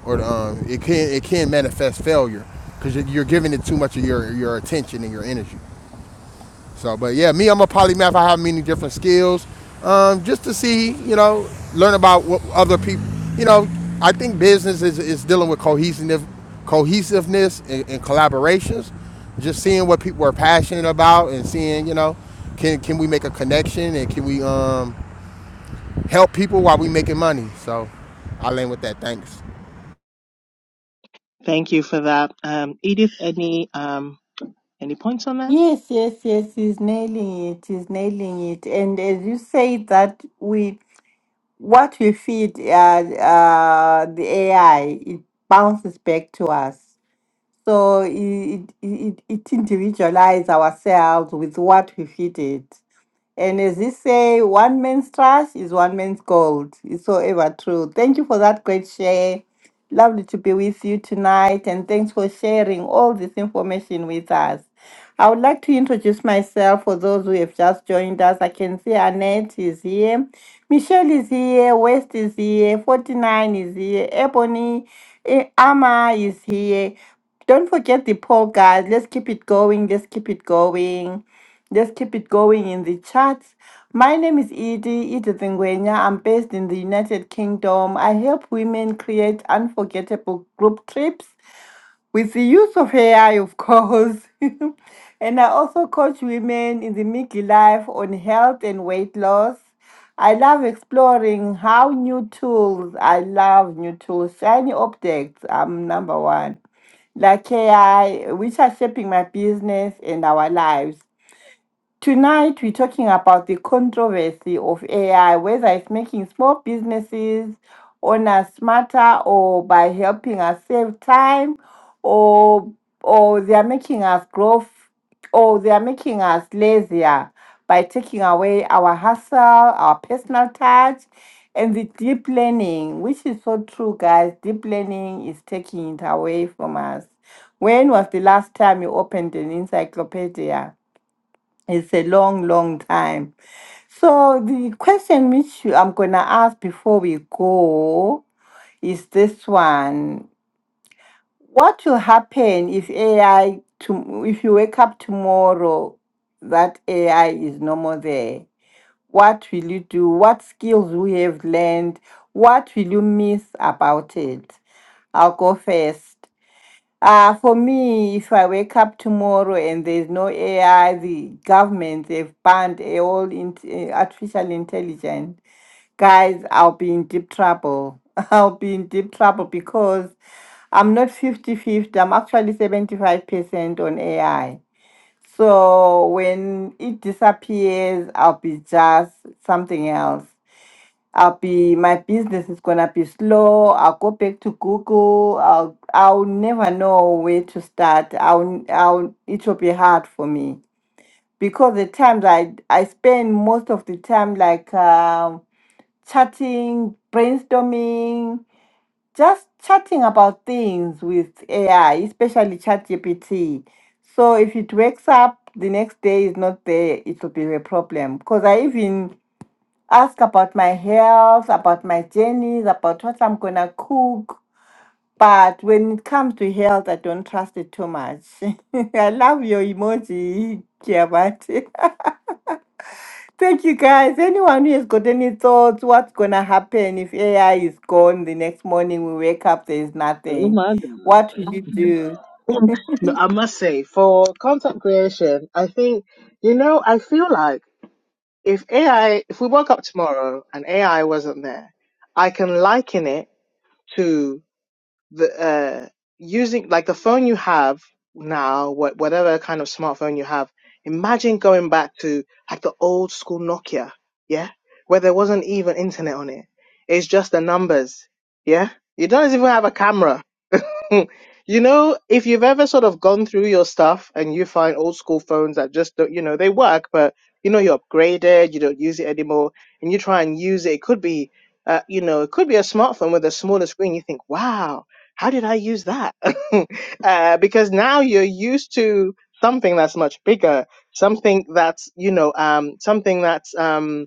S5: or um, it can it can manifest failure because you're giving it too much of your your attention and your energy. So, but yeah, me, I'm a polymath. I have many different skills, um, just to see, you know, learn about what other people. You know, I think business is, is dealing with cohesiveness, cohesiveness and, and collaborations. Just seeing what people are passionate about and seeing, you know, can can we make a connection and can we um, help people while we making money? So, I land with that. Thanks.
S4: thank you for that, um, Edith. Any um, any points on that?
S1: Yes, yes, yes, he's nailing it, he's nailing it. And as you say that we What we feed uh, uh, the AI, it bounces back to us. So it, it, it, it individualizes ourselves with what we feed it. And as they say, one man's trash is one man's gold. It's so ever true. Thank you for that great share. Lovely to be with you tonight. And thanks for sharing all this information with us. I would like to introduce myself for those who have just joined us. I can see Annette is here, Michelle is here, West is here, 49 is here, Ebony, eh, Ama is here. Don't forget the poll, guys. Let's keep it going. Let's keep it going. Just keep it going in the chats. My name is Edie, Edith Ngwenya. I'm based in the United Kingdom. I help women create unforgettable group trips with the use of AI, of course. and I also coach women in the Mickey life on health and weight loss. I love exploring how new tools, I love new tools, shiny objects. I'm number one like AI, which are shaping my business and our lives. Tonight, we're talking about the controversy of AI, whether it's making small businesses owners smarter or by helping us save time or or they are making us grow f- or they are making us lazier by taking away our hustle, our personal touch, and the deep learning, which is so true, guys. Deep learning is taking it away from us. When was the last time you opened an encyclopedia? It's a long, long time. So the question which you- I'm going to ask before we go is this one. What will happen if AI to if you wake up tomorrow that AI is no more there? What will you do? What skills we have learned? What will you miss about it? I'll go first. Uh, for me, if I wake up tomorrow and there's no AI, the government, they've banned a all in, eh, artificial intelligence, guys, I'll be in deep trouble. I'll be in deep trouble because I'm not 50 fifty, I'm actually 75% on AI. So when it disappears, I'll be just something else. I'll be my business is gonna be slow. I'll go back to Google. I'll I'll never know where to start. I'll I'll it will be hard for me because the times I I spend most of the time like um, chatting, brainstorming, just chatting about things with AI, especially ChatGPT. So if it wakes up the next day is not there, it will be a problem because I even ask about my health, about my journeys, about what I'm gonna cook. But when it comes to health, I don't trust it too much. I love your emoji, Kiabati. Thank you guys. Anyone who has got any thoughts, what's gonna happen if AI is gone the next morning? We wake up, there is
S4: Oh
S1: nothing.
S4: my God.
S1: What will you do?
S4: No, I must say, for content creation, I think, you know, I feel like if AI, if we woke up tomorrow and AI wasn't there, I can liken it to the, uh, using like the phone you have now, what, whatever kind of smartphone you have. Imagine going back to like the old school Nokia, yeah, where there wasn't even internet on it. It's just the numbers, yeah. You don't even have a camera You know, if you've ever sort of gone through your stuff and you find old school phones that just don't, you know, they work, but you know, you're upgraded, you don't use it anymore, and you try and use it, it could be, uh, you know, it could be a smartphone with a smaller screen. You think, wow, how did I use that? uh, because now you're used to something that's much bigger, something that's, you know, um, something that's, um,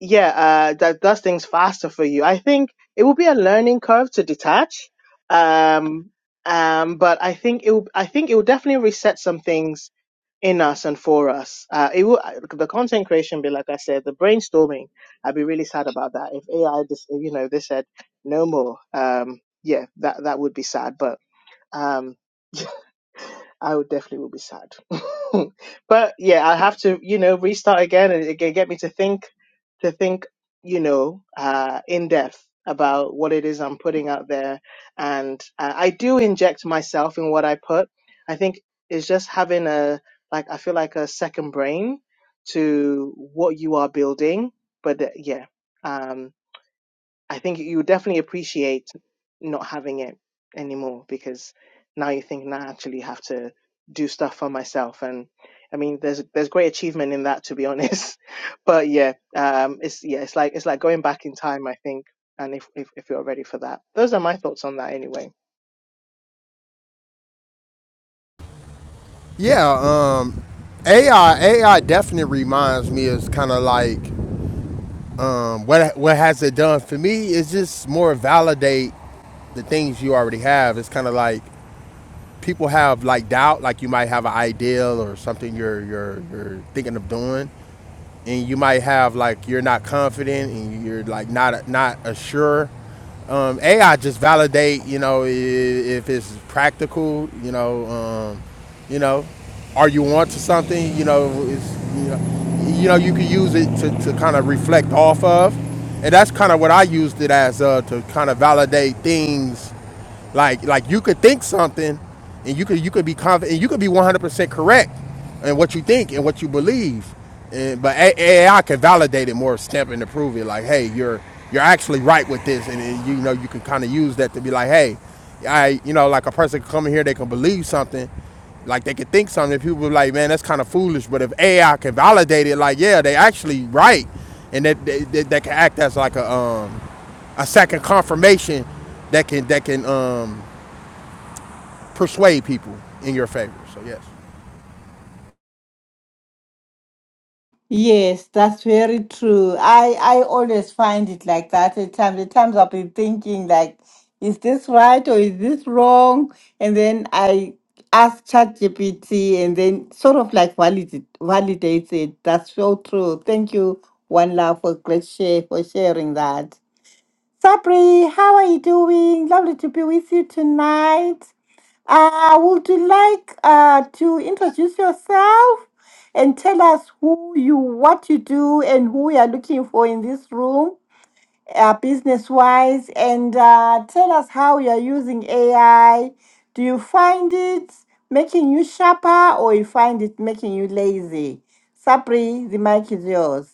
S4: yeah, uh, that does things faster for you. I think it will be a learning curve to detach, um, um, but I think it will, I think it will definitely reset some things in us and for us. Uh, it will the content creation bit, like I said, the brainstorming. I'd be really sad about that if AI just you know they said no more. Um, yeah, that that would be sad, but. Um, I would definitely will be sad. but yeah, I have to, you know, restart again and again get me to think to think, you know, uh in depth about what it is I'm putting out there. And uh, I do inject myself in what I put. I think it's just having a like I feel like a second brain to what you are building. But uh, yeah. um, I think you definitely appreciate not having it anymore because now you think, nah, I actually have to do stuff for myself. And I mean, there's there's great achievement in that, to be honest. But yeah, um, it's yeah, it's like it's like going back in time, I think. And if if, if you're ready for that, those are my thoughts on that anyway.
S5: Yeah, um, AI AI definitely reminds me is kind of like Um, what what has it done for me is just more validate the things you already have. It's kind of like people have like doubt, like you might have an ideal or something you're you're you're thinking of doing, and you might have like you're not confident and you're like not not assured. Um, AI just validate, you know, i- if it's practical, you know, um, you know, are you onto something, you know, it's, you know, you know, you can use it to, to kind of reflect off of, and that's kind of what I used it as uh, to kind of validate things like like you could think something, and you could you could be confident, and you could be 100 percent correct in what you think and what you believe, and but AI can validate it more, stamp and prove it. Like hey, you're you're actually right with this, and, and you know you can kind of use that to be like hey, I you know like a person can come in here, they can believe something. Like they could think something. People be like, man, that's kind of foolish. But if AI can validate it, like, yeah, they actually right, and that that, that, that can act as like a um, a second confirmation that can that can um, persuade people in your favor. So yes.
S1: Yes, that's very true. I I always find it like that at times. At times I'll be thinking like, is this right or is this wrong? And then I ask ChatGPT and then sort of like validate validates it. That's so true. Thank you, One Love, for great share for sharing that. Sabri, how are you doing? Lovely to be with you tonight. Uh, would you like uh, to introduce yourself and tell us who you, what you do, and who you are looking for in this room, uh, business-wise, and uh, tell us how you are using AI. Do you find it making you sharper, or you find it making you lazy? Sapri, the mic is yours.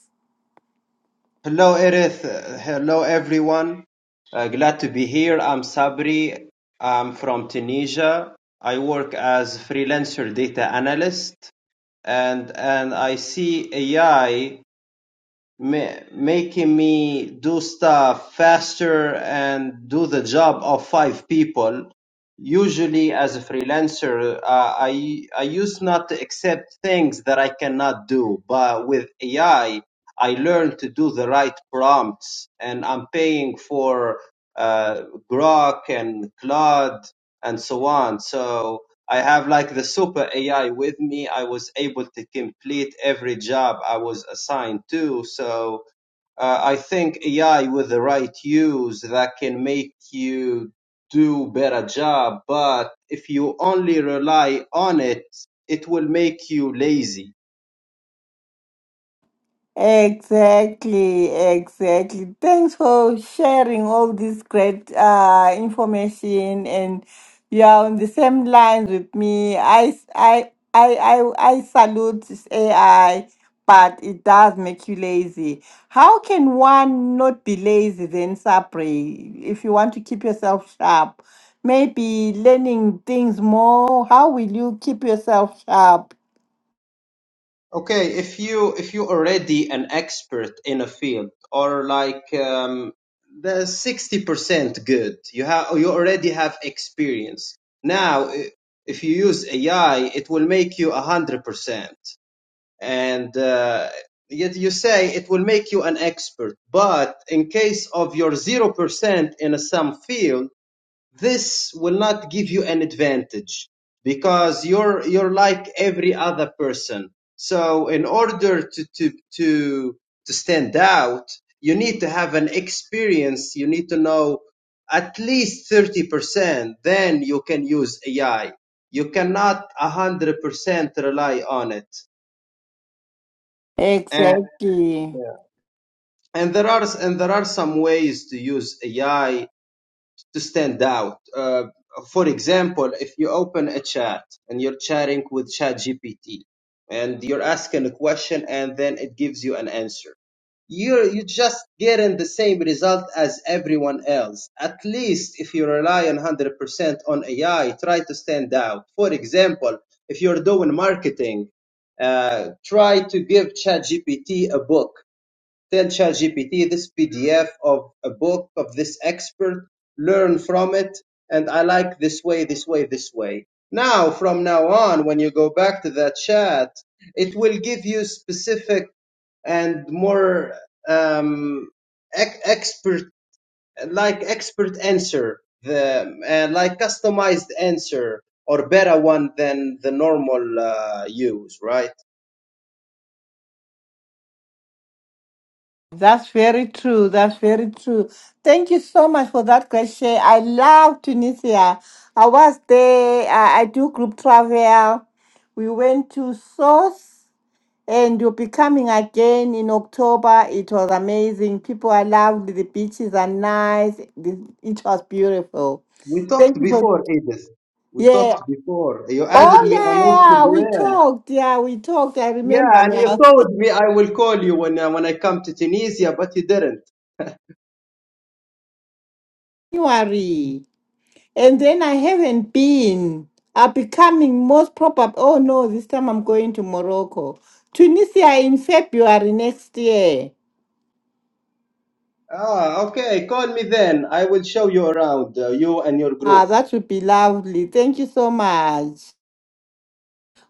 S6: Hello, Edith. Uh, Hello, everyone. Uh, glad to be here. I'm Sabri. I'm from Tunisia. I work as freelancer data analyst, and and I see AI ma- making me do stuff faster and do the job of five people. Usually, as a freelancer, uh, I I used not to accept things that I cannot do, but with AI, I I learned to do the right prompts, and I'm paying for uh, Grok and Claude and so on. So I have like the super AI with me. I was able to complete every job I was assigned to. So uh, I think AI with the right use that can make you do better job. But if you only rely on it, it will make you lazy
S1: Exactly, exactly. Thanks for sharing all this great uh, information, and you are on the same lines with me. I, I, I, I, I salute this AI, but it does make you lazy. How can one not be lazy then, Sapri? If you want to keep yourself sharp, maybe learning things more. How will you keep yourself sharp?
S6: Okay, if you if you're already an expert in a field or like um, the sixty percent good, you have you already have experience. Now, i- if you use AI, it will make you a hundred percent, and uh, yet you say it will make you an expert. But in case of your zero percent in some field this will not give you an advantage because you're you're like every other person so in order to to to to stand out you need to have an experience you need to know at least 30% then you can use ai you cannot 100% rely on it and,
S1: Exactly.
S6: yeah. and there are and there are some ways to use ai to stand out. Uh, for example, if you open a chat and you're chatting with ChatGPT and you're asking a question and then it gives you an answer, you're you just getting the same result as everyone else. At least if you rely on 100% on AI, try to stand out. For example, if you're doing marketing, uh, try to give ChatGPT a book Tell ChatGPT this PDF of a book of this expert, learn from it, and I like this way, this way, this way. Now, from now on, when you go back to that chat, it will give you specific and more um, ex- expert, like expert answer, the uh, like customized answer or better one than the normal uh, use, right?
S1: That's very true. That's very true. Thank you so much for that question. I love Tunisia. I was there. I, I do group travel. We went to Sousse, and you'll be coming again in October. It was amazing. People are lovely. The beaches are nice. The- It was beautiful.
S6: We
S1: Thank
S6: talked
S1: you for,
S6: before, Edith. We
S1: yeah.
S6: talked before. You
S1: Oh,
S6: added me
S1: yeah,
S6: on
S1: yeah. yeah. We
S6: Instagram.
S1: talked. Yeah, we talked. I remember
S6: Yeah, and you
S1: now.
S6: told me I will call you when uh, when I come to Tunisia, but you didn't.
S1: January. And then I haven't been. I'll be most probably. Oh no, this time I'm going to Morocco. Tunisia in February next year.
S6: Ah, okay. Call me then. I will show you around, uh, you and your
S1: Ah,
S6: group.
S1: that would be lovely. Thank you so much.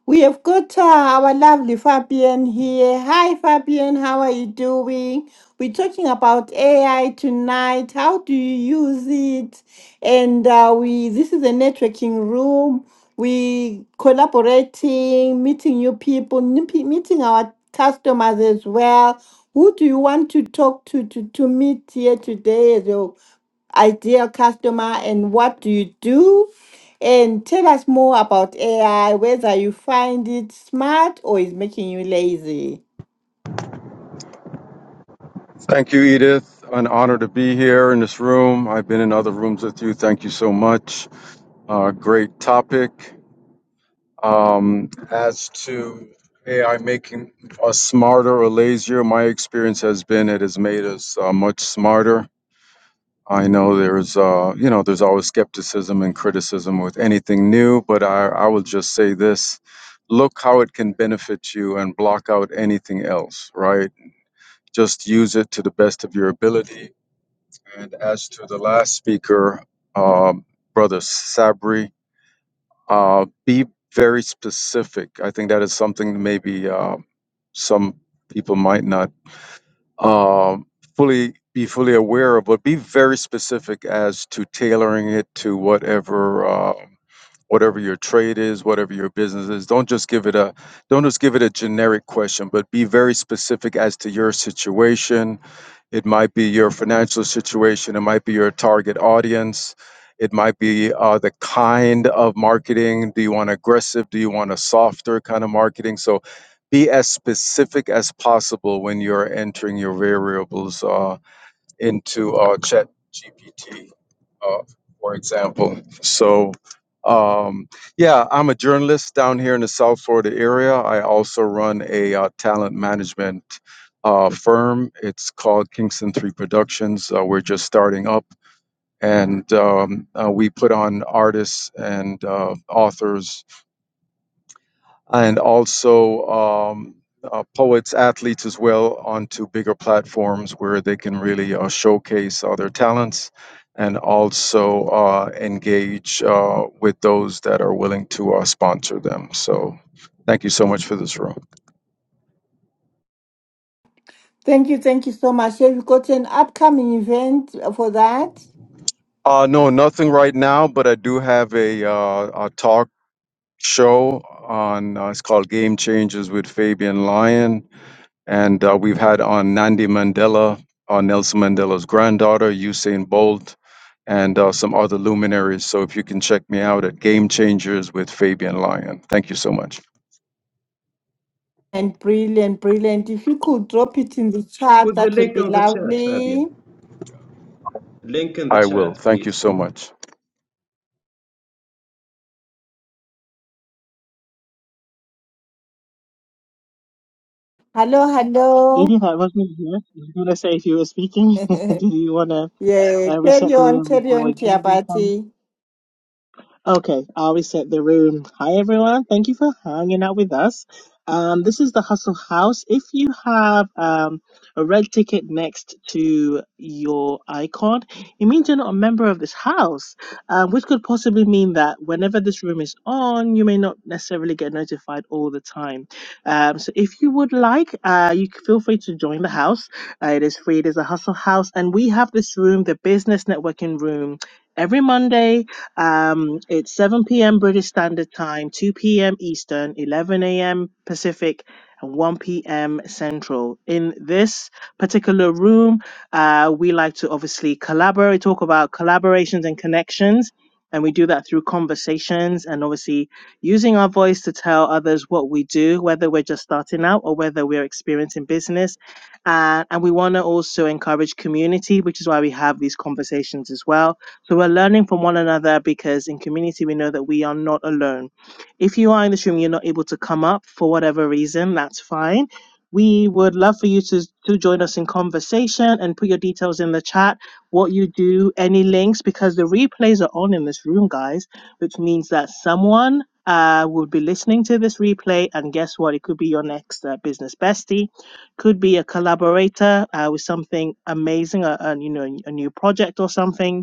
S1: We have got uh, our lovely Fabian here. Hi, Fabian, how are you doing? We're talking about AI tonight. How do you use it? And uh, we this is a networking room. We collaborating, meeting new people, new pe- meeting our customers as well. Who do you want to talk to to, to meet here today as your ideal customer and what do you do? And tell us more about AI, whether you find it smart or is making you lazy.
S7: Thank you, Edith. An honor to be here in this room. I've been in other rooms with you. Thank you so much. Uh, great topic. Um, as to AI making us smarter or lazier, my experience has been it has made us uh, much smarter. I know there's, uh, you know, there's always skepticism and criticism with anything new, but I, I will just say this: look how it can benefit you and block out anything else. Right? Just use it to the best of your ability And as to the last speaker, um, Brother Sabri, uh, be very specific. I think that is something maybe um some people might not um, fully be fully aware of, but be very specific as to tailoring it to whatever. um whatever your trade is, whatever your business is. Don't just give it a don't just give it a generic question, but be very specific as to your situation. It might be your financial situation, it might be your target audience, it might be uh, the kind of marketing. Do you want aggressive? Do you want a softer kind of marketing? So be as specific as possible when you're entering your variables uh, into uh, Chat GPT, uh, for example. So, um, yeah, I'm a journalist down here in the South Florida area. I also run a uh, talent management uh, firm. It's called Kingston Three Productions. Uh, we're just starting up, and um, uh, we put on artists and uh, authors and also um, uh, poets, athletes as well, onto bigger platforms where they can really uh, showcase uh, their talents and also uh, engage uh, with those that are willing to uh, sponsor them. So, thank you so much for this room.
S1: Thank you, thank you so much. Have you got an upcoming event for that?
S7: Uh, no, nothing right now, but I do have a, uh, a talk show on uh, it's called Game Changers with Fabian Lyon And uh, we've had on Nandi Mandela, uh, Nelson Mandela's granddaughter, Usain Bolt, and uh, some other luminaries. So if you can check me out at Game Changers with Fabian Lyon. Thank you so much.
S1: And brilliant, brilliant. If you could drop it in the chat,
S6: Put the
S1: that would
S6: link
S1: be
S6: on the chat,
S1: lovely.
S6: Fabian. Link in the
S7: I will.
S6: chat,
S7: Thank you
S6: please.
S7: so much.
S1: Hello, hello.
S4: Edith, I wasn't here. I was going to say if you were speaking, did you want to
S1: yeah,
S4: uh,
S1: carry
S4: reset the
S1: on,
S4: room
S1: carry
S4: before I
S1: on,
S4: go?
S1: Kiabati.
S4: Okay, I'll reset the room. Hi, everyone. Thank you for hanging out with us. Um, this is the Hustle House. If you have um, a red ticket next to your icon, it means you're not a member of this house, um, which could possibly mean that whenever this room is on, you may not necessarily get notified all the time. Um, so if you would like, uh, you c- feel free to join the house. Uh, it is free. It is a Hustle House, and we have this room, the Business Networking Room. Every Monday, um, it's 7 p.m. British Standard Time, 2 p.m. Eastern, 11 a.m. Pacific, and 1 p.m. Central. In this particular room, uh, we like to obviously collaborate, talk about collaborations and connections. And we do that through conversations and obviously using our voice to tell others what we do, whether we're just starting out or whether we're experiencing business. Uh, and we want to also encourage community, which is why we have these conversations as well so we're learning from one another because in community we know that we are not alone. If you are in this room, you're not able to come up for whatever reason, that's fine. We would love for you to, to join us in conversation and put your details in the chat, what you do, any links, because the replays are on in this room, guys, which means that someone uh, will be listening to this replay. And guess what? It could be your next uh, business bestie could be a collaborator uh, with something amazing, a, a, you know, a new project or something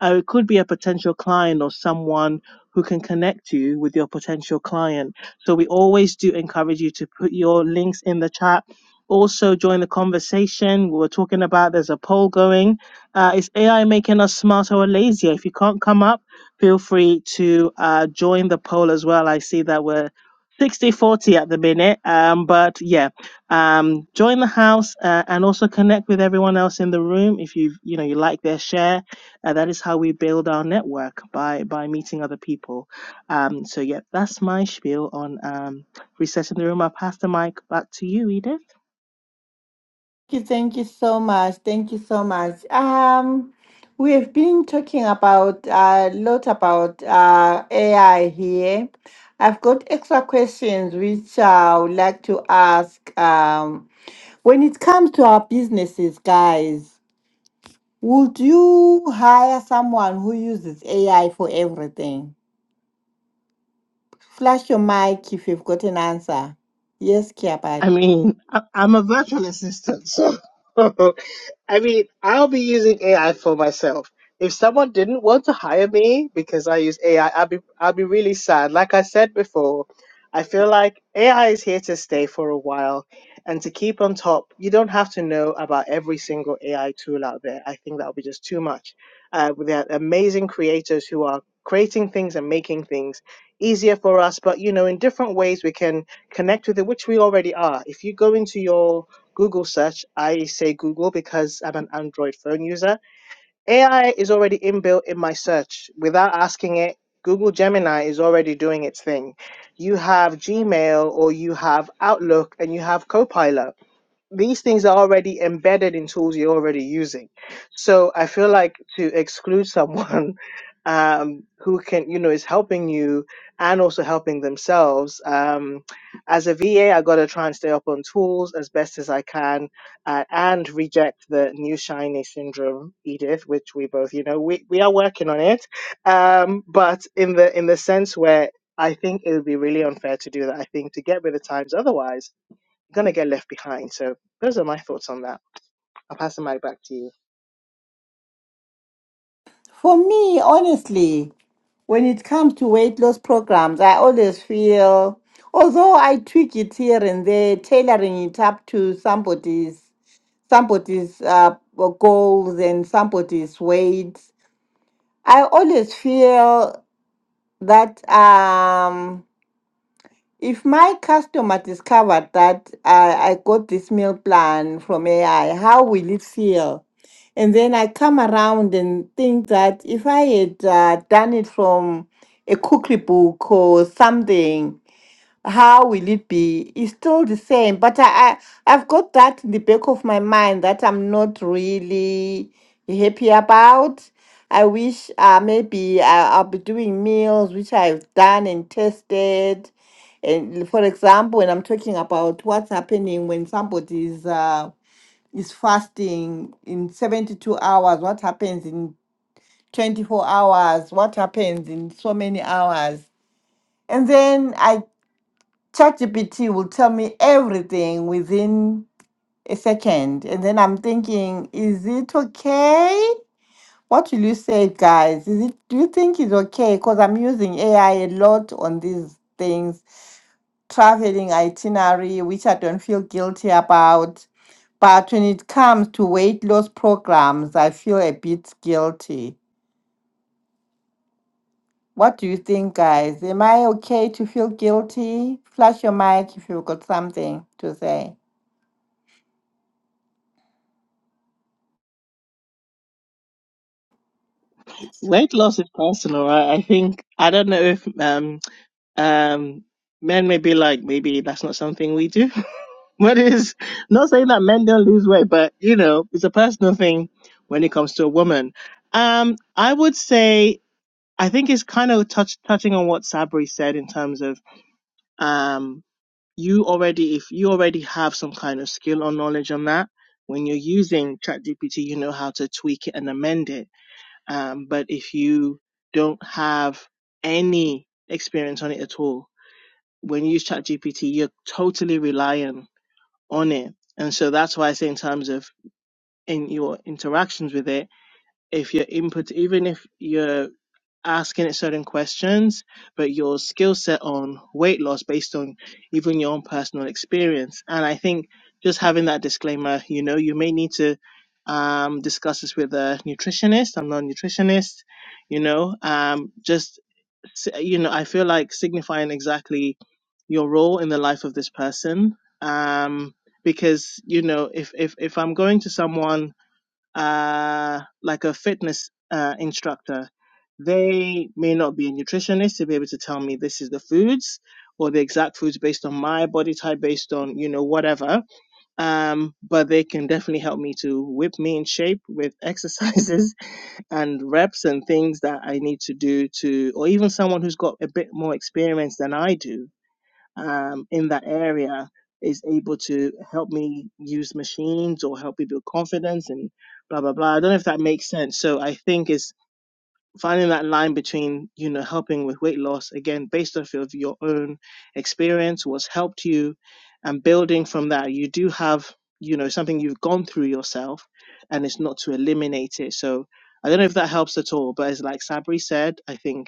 S4: uh, it could be a potential client or someone who can connect you with your potential client. So we always do encourage you to put your links in the chat. Also, join the conversation. We were talking about there's a poll going. Uh, is AI making us smarter or lazier? If you can't come up, feel free to uh, join the poll as well. I see that we're sixty forty at the minute. Um, but yeah, um, join the house uh, and also connect with everyone else in the room if you you know you like their share and that is how we build our network by by meeting other people. Um, so yeah, that's my spiel on um, resetting the room. I'll pass the mic back to you, Edith.
S1: you, thank you so much. Thank you so much. Um, we have been talking about a lot about uh, AI here. I've got extra questions which I would like to ask. Um, when it comes to our businesses, guys, would you hire someone who uses AI for everything? Flash your mic if you've got an answer. Yes, Kiabat.
S4: I mean, I, I'm a virtual assistant, so I mean, I'll be using AI for myself. If someone didn't want to hire me because I use AI, I'll be I'll be really sad. Like I said before, I feel like AI is here to stay for a while, and to keep on top, you don't have to know about every single AI tool out there. I think that would be just too much. Uh, there are amazing creators who are creating things and making things easier for us, but you know, in different ways we can connect with it, which we already are. If you go into your Google search, I say Google because I'm an Android phone user. AI is already inbuilt in my search without asking it. Google Gemini is already doing its thing. You have Gmail or you have Outlook and you have Copilot these things are already embedded in tools you're already using. So I feel like to exclude someone um, who can, you know, is helping you and also helping themselves. Um, as a VA, I got to try and stay up on tools as best as I can uh, and reject the new shiny syndrome, Edith, which we both, you know, we, we are working on it. Um, but in the in the sense where I think it would be really unfair to do that. I think to get with the times otherwise gonna get left behind. So those are my thoughts on that. I'll pass the mic back to you.
S1: For me, honestly. When it comes to weight loss programs, I always feel, although I tweak it here and there, tailoring it up to somebody's somebody's uh, goals and somebody's weight, I always feel that. Um, if my customer discovered that I, I got this meal plan from AI, how will it feel? And then I come around and think that if I had uh, done it from a cookery book or something, how will it be? It's still the same, but I, I I've got that in the back of my mind that I'm not really happy about. I wish uh, maybe I, I'll be doing meals which I've done and tested. And for example, when I'm talking about what's happening when somebody is uh, is fasting in 72 hours, what happens in 24 hours, what happens in so many hours. And then I ChatGPT will tell me everything within a second. And then I'm thinking, is it okay? What will you say, guys? Is it do you think it's okay? Because I'm using AI a lot on these things, traveling itinerary, which I don't feel guilty about. But when it comes to weight loss programs, I feel a bit guilty. What do you think, guys? Am I okay to feel guilty? Flash your mic if you've got something to say.
S4: Weight loss is personal. I, I think I don't know if um um men may be like maybe that's not something we do. but it's not saying that men don't lose weight, but you know it's a personal thing when it comes to a woman. Um, I would say I think it's kind of touch touching on what Sabri said in terms of um you already if you already have some kind of skill or knowledge on that when you're using ChatGPT, you know how to tweak it and amend it. Um, but if you don't have any experience on it at all, when you use ChatGPT, you're totally reliant on it. And so that's why I say in terms of in your interactions with it, if your input, even if you're asking it certain questions, but your skill set on weight loss based on even your own personal experience. And I think just having that disclaimer, you know, you may need to um, discuss this with a nutritionist. I'm not a nutritionist, you know, um, just, s- you know, I feel like signifying exactly your role in the life of this person. Um, because, you know, if, if, if I'm going to someone uh, like a fitness uh, instructor, they may not be a nutritionist to be able to tell me this is the foods or the exact foods based on my body type, based on you know whatever. Um, but they can definitely help me to whip me in shape with exercises and reps and things that I need to do to, or even someone who's got a bit more experience than I do um, in that area is able to help me use machines or help me build confidence and blah blah blah. I don't know if that makes sense. So I think it's finding that line between you know helping with weight loss again based off of your own experience, what's helped you, and building from that. You do have you know something you've gone through yourself, and it's not to eliminate it. So I don't know if that helps at all, but as like Sabri said, I think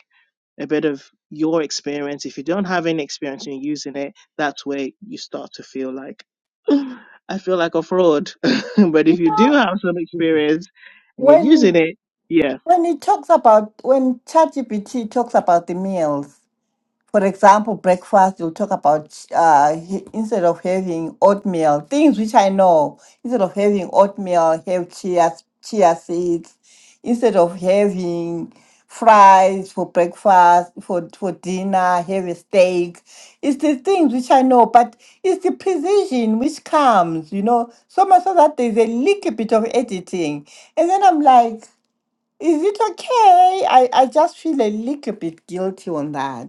S4: a bit of your experience. If you don't have any experience in using it, that's where you start to feel like, "Ugh, I feel like a fraud. but if you do have some experience and you're
S1: When
S4: using it, yeah.
S1: when it talks about when ChatGPT talks about the meals, for example, breakfast, you'll talk about uh, he- instead of having oatmeal, things which I know, instead of having oatmeal, have chia chia seeds. Instead of having fries for breakfast, for for dinner, have a steak. It's the things which I know, but it's the precision which comes, you know, so much so that there's a little bit of editing, and then I'm like. Is it okay? I, I just feel a little bit guilty on that.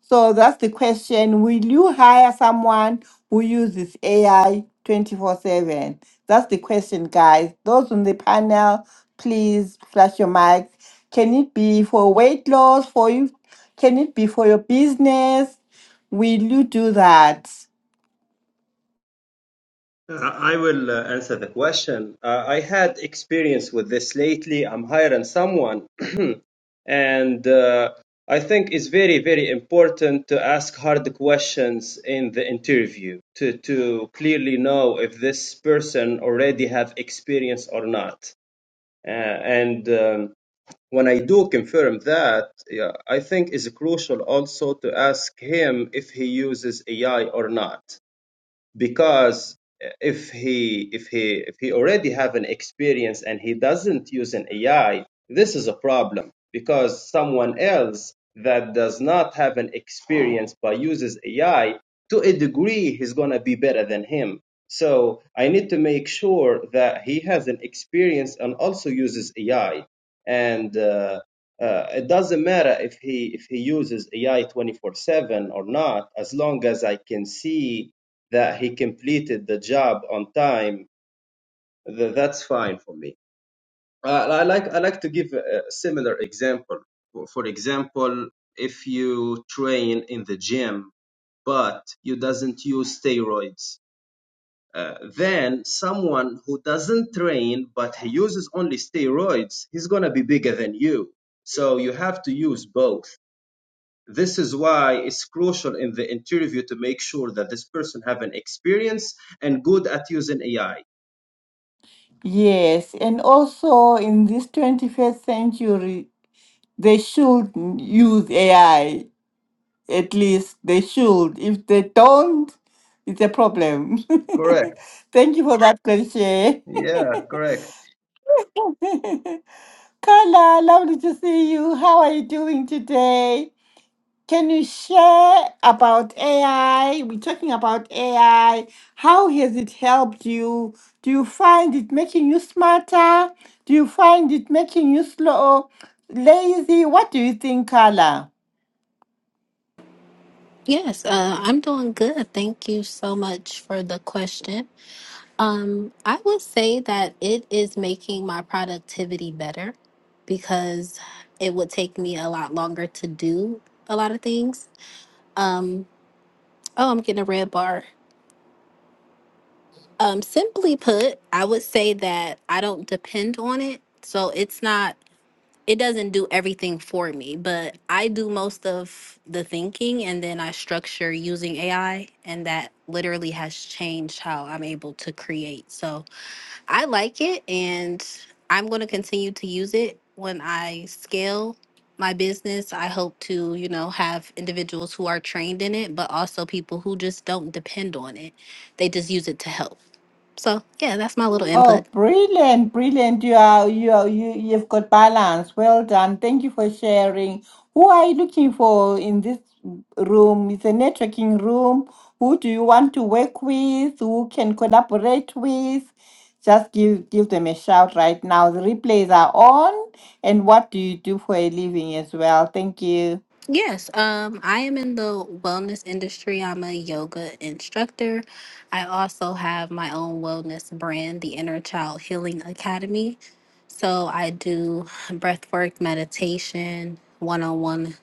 S1: So that's the question. Will you hire someone who uses AI 24 7? That's the question, guys. Those on the panel, please flash your mics. Can it be for weight loss? For you? Can it be for your business? Will you do that?
S6: I will uh, answer the question. Uh, I had experience with this lately. I'm hiring someone, and uh, I think it's very, very important to ask hard questions in the interview to to clearly know if this person already have experience or not. Uh, and um, when I do confirm that, yeah, I think it's crucial also to ask him if he uses AI or not because if he if he if he already have an experience and he doesn't use an AI, this is a problem because someone else that does not have an experience but uses AI to a degree he's gonna be better than him. So I need to make sure that he has an experience and also uses AI. And uh, uh, it doesn't matter if he if he uses AI 24/7 or not, as long as I can see that he completed the job on time, th- that's fine for me. Uh, I like I like to give a similar example. For for example, if you train in the gym but you doesn't use steroids, uh, then someone who doesn't train but he uses only steroids, he's gonna be bigger than you. So you have to use both. This is why it's crucial in the interview to make sure that this person have an experience and good at using AI.
S1: Yes. And also in this 21st century, they should use AI. At least they should. If they don't, it's a problem.
S6: Correct.
S1: Thank you for that question.
S6: Yeah, correct.
S1: Carla, lovely to see you. How are you doing today? Can you share about AI? We're talking about AI. How has it helped you? Do you find it making you smarter? Do you find it making you slow, lazy? What do you think, Carla?
S8: Yes, uh, I'm doing good. Thank you so much for the question. Um, I would say that it is making my productivity better because it would take me a lot longer to do a lot of things. Um, oh, I'm getting a red bar. Um, simply put, I would say that I don't depend on it. So it's not it doesn't do everything for me, but I do most of the thinking and then I structure using AI and that literally has changed how I'm able to create. So I like it and I'm going to continue to use it when I scale my business. I hope to, you know, have individuals who are trained in it, but also people who just don't depend on it. They just use it to help. So, yeah, that's my little input.
S1: Oh, brilliant, brilliant. You are you are you you've got balance. Well done. Thank you for sharing. Who are you looking for in this room? It's a networking room. Who do you want to work with? Who can collaborate with? Just give give them a shout right now. The replays are on. And what do you do for a living as well? Thank you.
S8: Yes, um, I am in the wellness industry. I'm a yoga instructor. I also have my own wellness brand, the Inner Child Healing Academy. So I do breathwork, meditation, one on one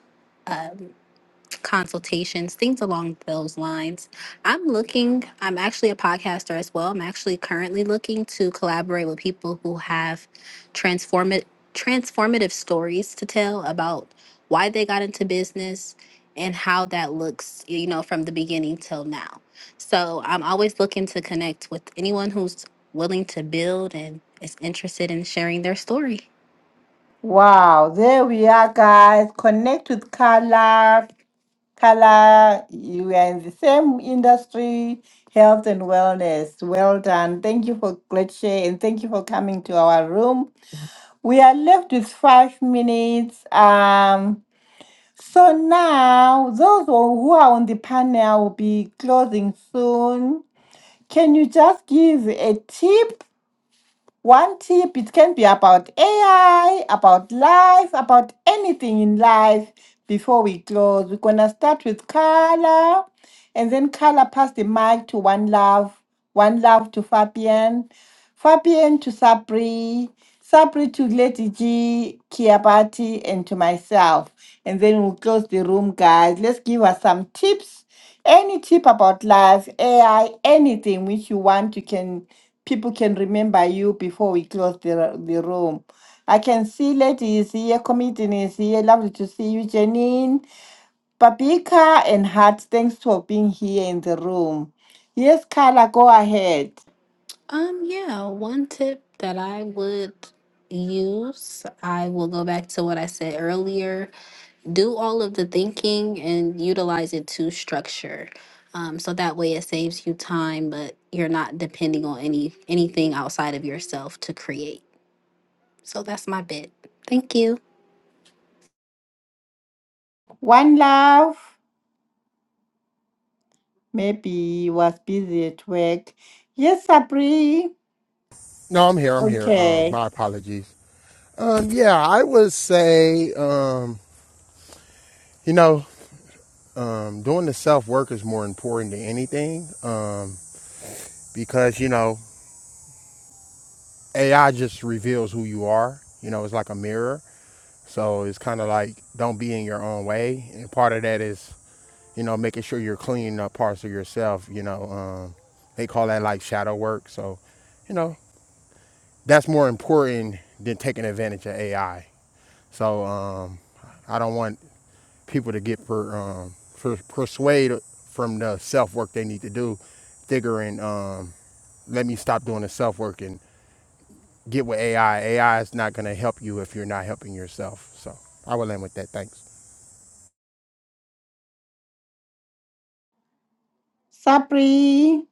S8: consultations, things along those lines. I'm looking, I'm actually a podcaster as well. I'm actually currently looking to collaborate with people who have transformative transformative stories to tell about why they got into business and how that looks, you know, from the beginning till now. So, I'm always looking to connect with anyone who's willing to build and is interested in sharing their story.
S1: Wow, there we are, guys. Connect with Carla. Carla, you are in the same industry, health and wellness. Well done. Thank you for great share and thank you for coming to our room. We are left with five minutes. Um, so now those who who are on the panel will be closing soon. Can you just give a tip one tip, it can be about AI, about life, about anything in life. Before we close, we're going to start with Carla and then Carla pass the mic to One Love, One Love to Fabian, Fabian to Sabri, Sabri to Lady G, Kiabati, and to myself. And then we'll close the room, guys. Let's give us some tips any tip about life, AI, anything which you want, you can people can remember you before we close the the room. I can see Lady is here, comedian is here. Lovely to see you, Janine, Babika, and Hart. Thanks for being here in the room. Yes, Carla, go ahead.
S8: Um, yeah, one tip that I would use, I will go back to what I said earlier. Do all of the thinking and utilize it to structure. Um, so that way it saves you time, but you're not depending on any anything outside of yourself to create. So that's my bit. Thank you.
S1: One love. Maybe was busy at work. Yes, Sabri.
S5: No, I'm here. I'm here. Um,
S1: Okay.
S5: my apologies. Um, yeah, I would say um, you know um, doing the self work is more important than anything um, because you know AI just reveals who you are. You know, it's like a mirror. So it's kind of like don't be in your own way, and part of that is you know, making sure you're cleaning up parts of yourself, you know, um, they call that like shadow work. So, you know, that's more important than taking advantage of AI. So, um, I don't want people to get per, um, per, persuaded from the self work they need to do, figuring, um, let me stop doing the self work and get with AI. AI is not going to help you if you're not helping yourself. So, I will end with that. Thanks.
S1: Sabri,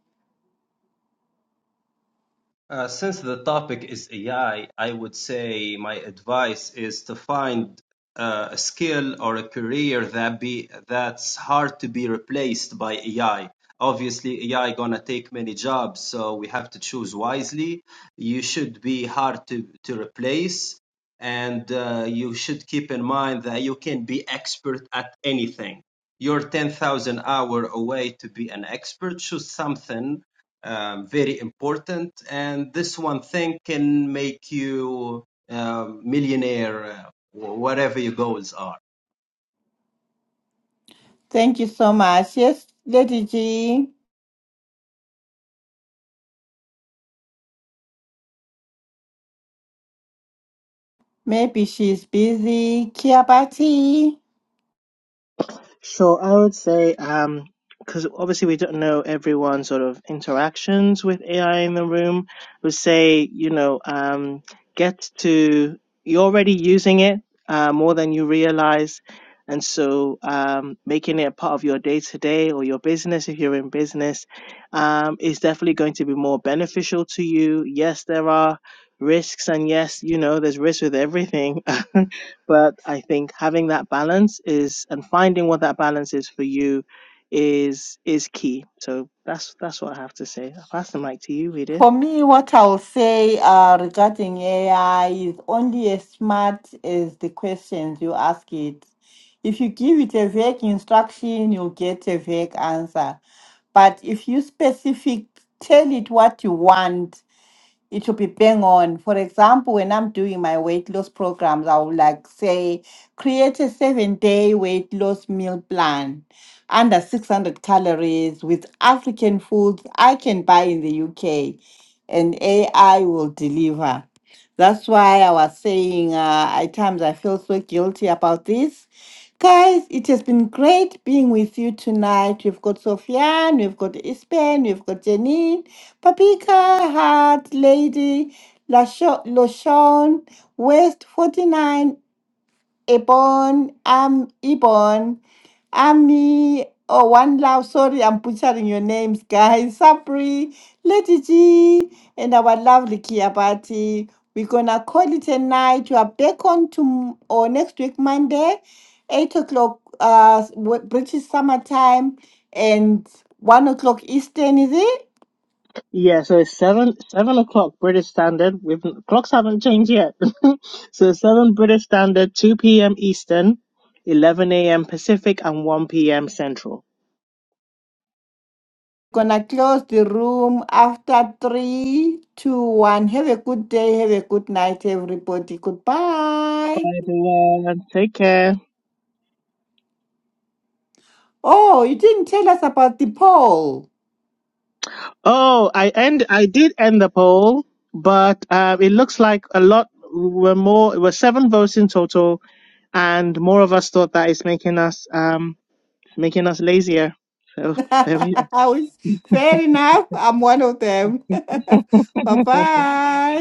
S6: Uh, since the topic is AI, I I would say my advice is to find uh, a skill or a career that be that's hard to be replaced by AI. Obviously, AI gonna take many jobs, so we have to choose wisely. You should be hard to to replace, and uh, you should keep in mind that you can be expert at anything. You're ten thousand hour away to be an expert. Choose something um, very important. And this one thing can make you um millionaire, uh, whatever your goals are.
S1: thank you so much. Yes, Lady G. Maybe she's busy. Kiabati.
S4: So I would say, um, because obviously we don't know everyone's sort of interactions with AI in the room. We say, you know, um, get to you're already using it uh, more than you realize, and so um, making it a part of your day to day or your business if you're in business um, is definitely going to be more beneficial to you. Yes, there are risks, and yes, you know, there's risks with everything. but I think having that balance is and finding what that balance is for you is is key. So that's that's what I have to say. I'll pass the mic to you, Edith.
S1: For me, what I'll say uh, regarding AI is only as smart as the questions you ask it. If you give it a vague instruction, you'll get a vague answer. But if you specific, tell it what you want, it should be bang on. For example, when I'm doing my weight loss programs, I would like say create a seven day weight loss meal plan under 600 calories with African foods I can buy in the UK and AI will deliver. That's why I was saying uh, at times I feel so guilty about this Guys, it has been great being with you tonight. We've got Sofian, we've got Ispen, we've got Janine, Papika, Hart, Lady, Lasho- Loshon, West 49, Ebon, Am, Ebon, Ami, oh, One Love. Sorry, I'm butchering your names, guys. Sabri, Lady G, and our lovely Kiabati. We're gonna call it a night. You are back on to or next week, Monday, eight o'clock, uh, British summer time, and one o'clock Eastern, is it?
S4: Yeah, so it's seven seven o'clock British Standard. We've clocks haven't changed yet. so seven British Standard, two PM Eastern, eleven AM Pacific and one PM Central.
S1: Gonna close the room after three, two, one. Have a good day. Have a good night, everybody. Goodbye.
S4: Bye everyone. Take care.
S1: Oh, you didn't tell us about the poll.
S4: Oh, I end. I did end the poll, but uh, it looks like a lot were more. It was seven votes in total, and more of us thought that it's making us um making us lazier. So there we are.
S1: I was fair enough. I'm one of them. bye bye.